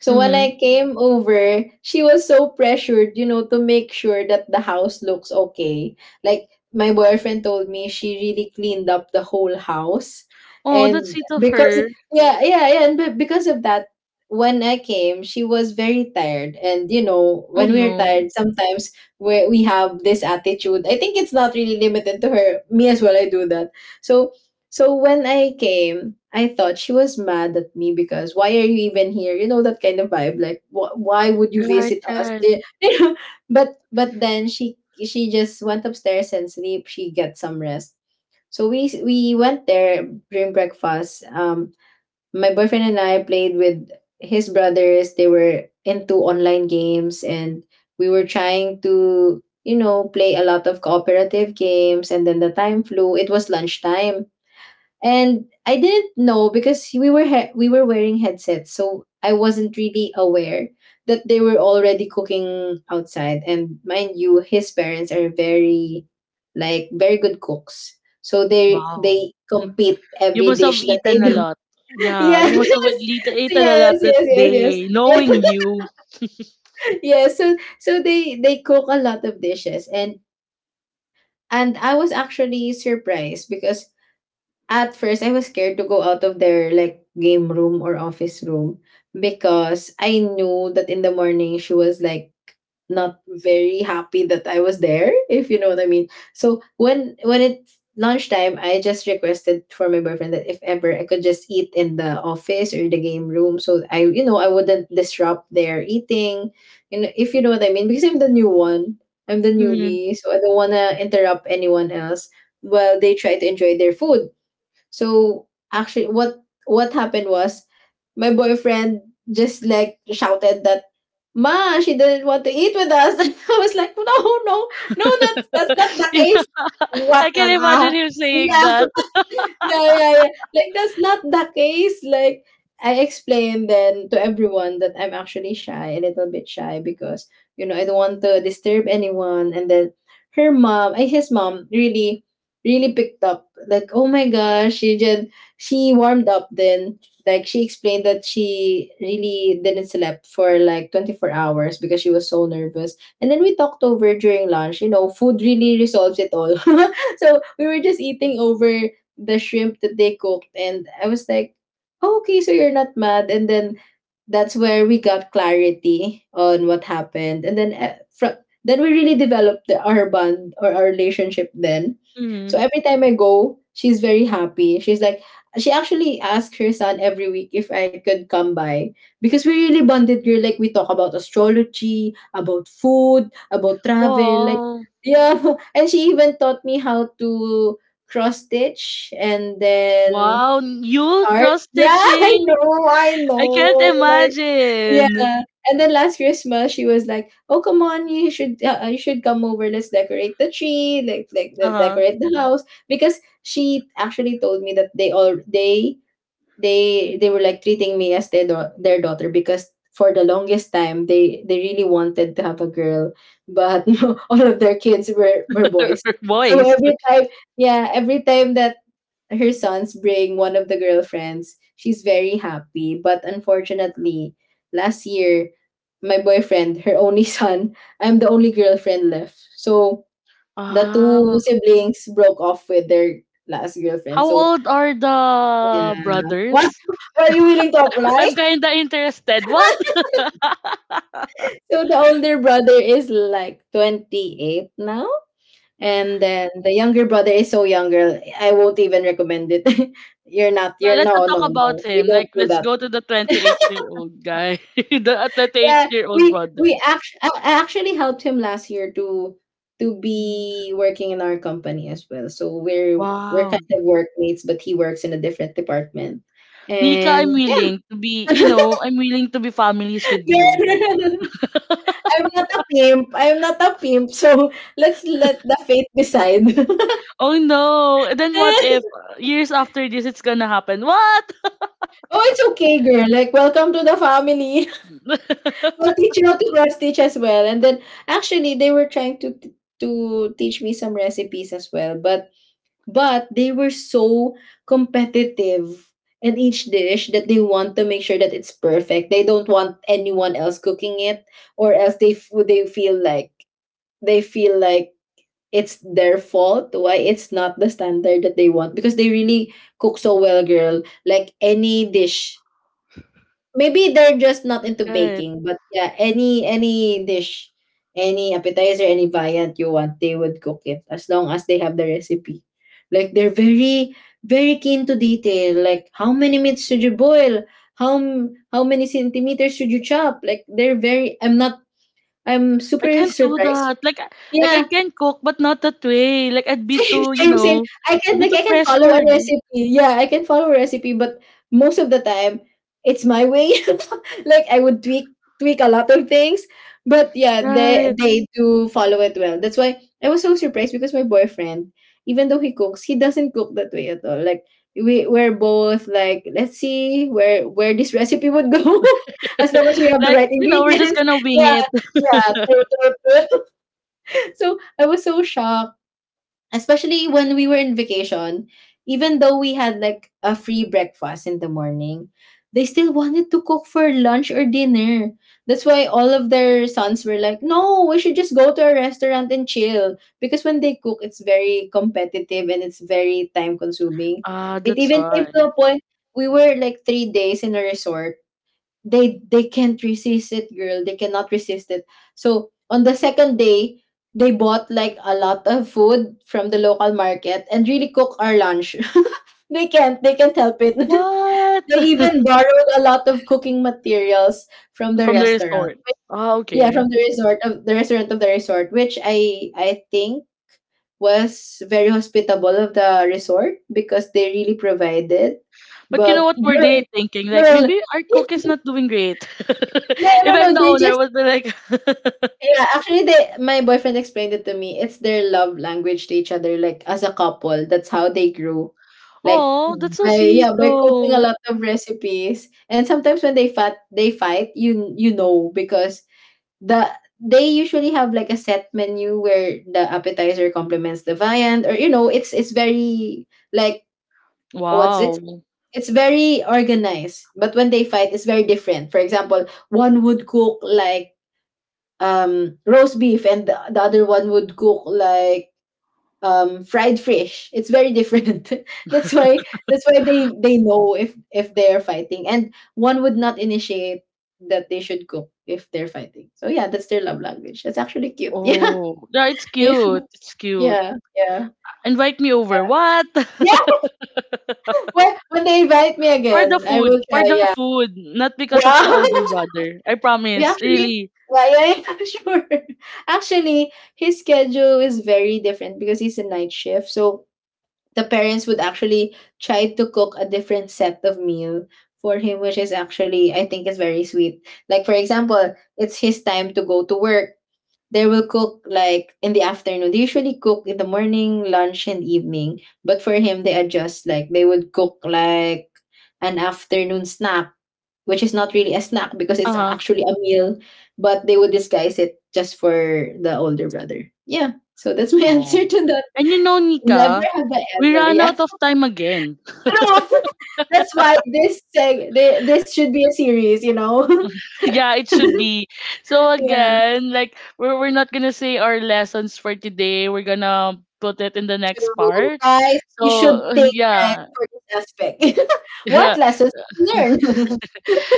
[SPEAKER 2] So when
[SPEAKER 1] Mm-hmm.
[SPEAKER 2] I came over, she was so pressured, you know, to make sure that the house looks okay. Like my boyfriend told me she really cleaned up the whole house.
[SPEAKER 1] Oh, that's
[SPEAKER 2] And
[SPEAKER 1] sweet of
[SPEAKER 2] because
[SPEAKER 1] her.
[SPEAKER 2] yeah, yeah, yeah, and because of that, when I came, she was very tired. And you know,
[SPEAKER 1] Oh
[SPEAKER 2] when we're
[SPEAKER 1] no.
[SPEAKER 2] tired, sometimes we have this attitude. I think it's not really limited to her. Me as well, I do that. So so when I came, I thought she was mad at me because why are you even here? You know, that kind of vibe. Like why would you
[SPEAKER 1] Right,
[SPEAKER 2] visit us?
[SPEAKER 1] right.
[SPEAKER 2] You know? But then she just went upstairs and sleep. She get some rest. So we went there during breakfast. My boyfriend and I played with his brothers. They were into online games, and we were trying to, you know, play a lot of cooperative games. And then the time flew. It was lunchtime and I didn't know because we were wearing headsets, so I wasn't really aware that they were already cooking outside. And mind you, his parents are very good cooks, so they
[SPEAKER 1] Wow.
[SPEAKER 2] they compete
[SPEAKER 1] You
[SPEAKER 2] every
[SPEAKER 1] must have
[SPEAKER 2] dish that they
[SPEAKER 1] eaten a
[SPEAKER 2] do.
[SPEAKER 1] lot. Yeah,
[SPEAKER 2] Yes,
[SPEAKER 1] you must have
[SPEAKER 2] yes,
[SPEAKER 1] eaten a
[SPEAKER 2] yes,
[SPEAKER 1] lot that
[SPEAKER 2] yes, yes,
[SPEAKER 1] day,
[SPEAKER 2] yes,
[SPEAKER 1] knowing you.
[SPEAKER 2] yes. so they cook a lot of dishes and I was actually surprised because at first, I was scared to go out of their like game room or office room because I knew that in the morning she was like not very happy that I was there, if you know what I mean. So when it's lunchtime, I just requested for my boyfriend that if ever I could just eat in the office or the game room, so I, you know, I wouldn't disrupt their eating, you know, if you know what I mean, because I'm the new one, I'm the
[SPEAKER 1] Mm.
[SPEAKER 2] newbie, so I don't wanna interrupt anyone else while they try to enjoy their food. So actually what happened was my boyfriend just like shouted that, "Ma, she didn't want to eat with us." And I was like, "No, no, no, that's not the
[SPEAKER 1] yeah,
[SPEAKER 2] case. What
[SPEAKER 1] I
[SPEAKER 2] on
[SPEAKER 1] can imagine
[SPEAKER 2] earth?
[SPEAKER 1] him saying
[SPEAKER 2] Yeah,
[SPEAKER 1] that.
[SPEAKER 2] yeah, yeah, yeah. Like that's not the case." Like, I explained then to everyone that I'm actually shy, a little bit shy, because you know I don't want to disturb anyone. And then her mom, I, his mom, really, really picked up. Like oh my gosh, she warmed up. Then like she explained that she really didn't sleep for like 24 hours because she was so nervous. And then we talked over during lunch. You know, food really resolves it all. So we were just eating over the shrimp that they cooked and I was like, oh, okay, so you're not mad. And then that's where we got clarity on what happened, and then then we really developed our bond or our relationship then,
[SPEAKER 1] Mm.
[SPEAKER 2] so every time I go she's very happy. She actually asks her son every week if I could come by, because we really bonded, girl. Like, we talk about astrology, about food, about travel, like,
[SPEAKER 1] Wow.
[SPEAKER 2] yeah. And she even taught me how to cross stitch, and then
[SPEAKER 1] Wow, you
[SPEAKER 2] art,
[SPEAKER 1] cross
[SPEAKER 2] yeah. I
[SPEAKER 1] stitching?
[SPEAKER 2] know, I
[SPEAKER 1] I can't
[SPEAKER 2] know, like, yeah.
[SPEAKER 1] imagine.
[SPEAKER 2] And then last Christmas she was like, "Oh come on, you should, come over. Let's decorate the tree, like
[SPEAKER 1] Uh-huh.
[SPEAKER 2] decorate the house." Because she actually told me that they all they were like treating me as their their daughter. Because for the longest time they really wanted to have a girl, but all of their kids were boys. So
[SPEAKER 1] Boys.
[SPEAKER 2] every time, yeah, every time that her sons bring one of the girlfriends. She's very happy, but unfortunately, last year, my boyfriend, her only son, I'm the only girlfriend left. So the two
[SPEAKER 1] Ah,
[SPEAKER 2] siblings broke off with their last girlfriend.
[SPEAKER 1] how
[SPEAKER 2] So
[SPEAKER 1] old are the
[SPEAKER 2] yeah, what
[SPEAKER 1] brothers?
[SPEAKER 2] are you willing to apply?
[SPEAKER 1] I'm kinda interested. What?
[SPEAKER 2] So the older brother is like 28 now, and then the younger brother is so young, girl. I won't even recommend it. You're not. You're
[SPEAKER 1] Let's not
[SPEAKER 2] no, no,
[SPEAKER 1] talk about
[SPEAKER 2] no.
[SPEAKER 1] him.
[SPEAKER 2] We
[SPEAKER 1] Like,
[SPEAKER 2] don't do
[SPEAKER 1] let's
[SPEAKER 2] that.
[SPEAKER 1] go to the 28-year-old guy, the
[SPEAKER 2] Yeah,
[SPEAKER 1] 28-year-old brother.
[SPEAKER 2] we actually I actually helped him last year to be working in our company as well. So we're kind
[SPEAKER 1] Wow.
[SPEAKER 2] of workmates, but he works in a different department.
[SPEAKER 1] Nika, I'm
[SPEAKER 2] And yeah,
[SPEAKER 1] willing to be, you know, I'm willing to be families with you.
[SPEAKER 2] yeah. I'm not a pimp. I'm not a pimp. So let's let the fate decide.
[SPEAKER 1] Oh no. And then what
[SPEAKER 2] Oh,
[SPEAKER 1] if years after this it's gonna happen? What?
[SPEAKER 2] it's okay, girl. Like, welcome to the family. We'll teach you how to cross stitch as well. And then actually, they were trying to teach me some recipes as well, but they were so competitive in each dish that they want to make sure that it's perfect. They don't want anyone else cooking it, or else they feel like they feel like it's their fault why it's not the standard that they want, because they really cook so well, girl. Like any dish. Maybe they're just not into
[SPEAKER 1] Right.
[SPEAKER 2] baking, but yeah, any dish, any appetizer, any variant you want, they would cook it as long as they have the recipe. Like they're very keen to detail. Like how many meats should you boil? How many centimeters should you chop? Like they're very. I'm not. I'm super
[SPEAKER 1] I can't do
[SPEAKER 2] surprised.
[SPEAKER 1] that. Like I
[SPEAKER 2] Yeah,
[SPEAKER 1] can cook but not that way. Like I'd be too, you
[SPEAKER 2] same.
[SPEAKER 1] know,
[SPEAKER 2] I can
[SPEAKER 1] I'd be
[SPEAKER 2] like
[SPEAKER 1] too
[SPEAKER 2] I can follow a
[SPEAKER 1] pressured.
[SPEAKER 2] recipe. Yeah, I can follow a recipe, but most of the time it's my way. Like I would tweak a lot of things, but yeah, they
[SPEAKER 1] Right.
[SPEAKER 2] they do follow it well. That's why I was so surprised, because my boyfriend, even though he cooks, he doesn't cook that way at all. Like we're both like let's see where this recipe would go as long as we have the
[SPEAKER 1] like,
[SPEAKER 2] right
[SPEAKER 1] you know, we're just
[SPEAKER 2] ingredients.
[SPEAKER 1] gonna wing
[SPEAKER 2] Yeah,
[SPEAKER 1] it.
[SPEAKER 2] yeah. True. So I was so shocked, especially when we were in vacation. Even though we had like a free breakfast in the morning, they still wanted to cook for lunch or dinner. That's why all of their sons were like, no, we should just go to a restaurant and chill. Because when they cook, it's very competitive and it's very time consuming.
[SPEAKER 1] Ah,
[SPEAKER 2] It
[SPEAKER 1] that's
[SPEAKER 2] even came
[SPEAKER 1] why.
[SPEAKER 2] to a point we were like 3 days in a resort. They can't resist it, girl, they cannot resist it. So on the second day, they bought like a lot of food from the local market and really cook our lunch. They can't help it.
[SPEAKER 1] What?
[SPEAKER 2] They even borrowed a lot of cooking materials from the
[SPEAKER 1] From the
[SPEAKER 2] restaurant.
[SPEAKER 1] resort. Ah,
[SPEAKER 2] Yeah,
[SPEAKER 1] okay.
[SPEAKER 2] from the resort, of the restaurant of the resort, which I think was very hospitable of the resort, because they really provided,
[SPEAKER 1] But you know
[SPEAKER 2] but
[SPEAKER 1] what were
[SPEAKER 2] girl,
[SPEAKER 1] they thinking? Like
[SPEAKER 2] girl
[SPEAKER 1] maybe our cook is not doing great.
[SPEAKER 2] no, no,
[SPEAKER 1] if I'm
[SPEAKER 2] no,
[SPEAKER 1] the
[SPEAKER 2] they
[SPEAKER 1] owner, I
[SPEAKER 2] just.
[SPEAKER 1] would be like,
[SPEAKER 2] Yeah, actually, they my boyfriend explained it to me. It's their love language to each other, like as a couple. That's how they grew, like
[SPEAKER 1] oh, that's so
[SPEAKER 2] by, yeah,
[SPEAKER 1] sweet
[SPEAKER 2] by cooking a
[SPEAKER 1] though.
[SPEAKER 2] lot of recipes. And sometimes when they fight, you know, because the they usually have like a set menu where the appetizer complements the viand, or you know it's very like what's it.
[SPEAKER 1] Wow.
[SPEAKER 2] It's very organized, but when they fight, it's very different. For example, one would cook like roast beef, and the other one would cook like fried fish. It's very different. that's why that's why they know if they're fighting and one would not initiate that they should cook if they're fighting. So yeah, that's their love language. That's actually cute. Yeah,
[SPEAKER 1] Oh, yeah, it's
[SPEAKER 2] yeah,
[SPEAKER 1] cute. It's cute.
[SPEAKER 2] yeah, yeah,
[SPEAKER 1] Invite me over. What?
[SPEAKER 2] yeah. When they invite me
[SPEAKER 1] for the
[SPEAKER 2] again, I
[SPEAKER 1] food.
[SPEAKER 2] will try.
[SPEAKER 1] For the
[SPEAKER 2] Yeah,
[SPEAKER 1] food. Not because of the
[SPEAKER 2] wow.
[SPEAKER 1] older brother. I
[SPEAKER 2] We
[SPEAKER 1] promise.
[SPEAKER 2] actually,
[SPEAKER 1] Really.
[SPEAKER 2] yeah, yeah, yeah, sure. Actually, his schedule is very different because he's a night shift. So the parents would actually try to cook a different set of meal for him, which is actually, I think, is very sweet. Like for example, it's his time to go to work, they will cook like in the afternoon. They usually cook in the morning, lunch and evening, but for him they adjust. Like they would cook like an afternoon snack, which is not really a snack because
[SPEAKER 1] Uh
[SPEAKER 2] it's
[SPEAKER 1] huh.
[SPEAKER 2] actually a meal, but they would disguise it just for the older brother. Yeah, so that's my answer
[SPEAKER 1] Oh.
[SPEAKER 2] to that.
[SPEAKER 1] And you know,
[SPEAKER 2] Never
[SPEAKER 1] Nika,
[SPEAKER 2] have I
[SPEAKER 1] we
[SPEAKER 2] ever.
[SPEAKER 1] ran
[SPEAKER 2] Yeah.
[SPEAKER 1] out of time again.
[SPEAKER 2] True. That's why this this should be a series, you know.
[SPEAKER 1] Yeah, it should be. So
[SPEAKER 2] Yeah.
[SPEAKER 1] again, like we're not gonna say our lessons for today. We're gonna put it in the next
[SPEAKER 2] True.
[SPEAKER 1] part.
[SPEAKER 2] Guys, you
[SPEAKER 1] So
[SPEAKER 2] should take credit
[SPEAKER 1] yeah.
[SPEAKER 2] for this aspect. What lessons you learned?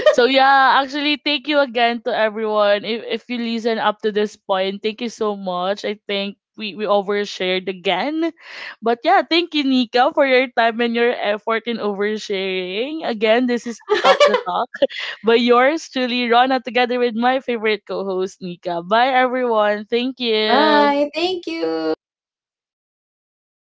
[SPEAKER 1] so yeah, actually thank you again to everyone. If you listen up to this point, thank you so much. I think we overshared again. But yeah, thank you, Nika, for your time and your effort in oversharing. Again, this is Talk the Talk, by yours truly, Rona, together with my favorite co host, Nika. Bye, everyone. Thank you.
[SPEAKER 2] Bye. Thank you.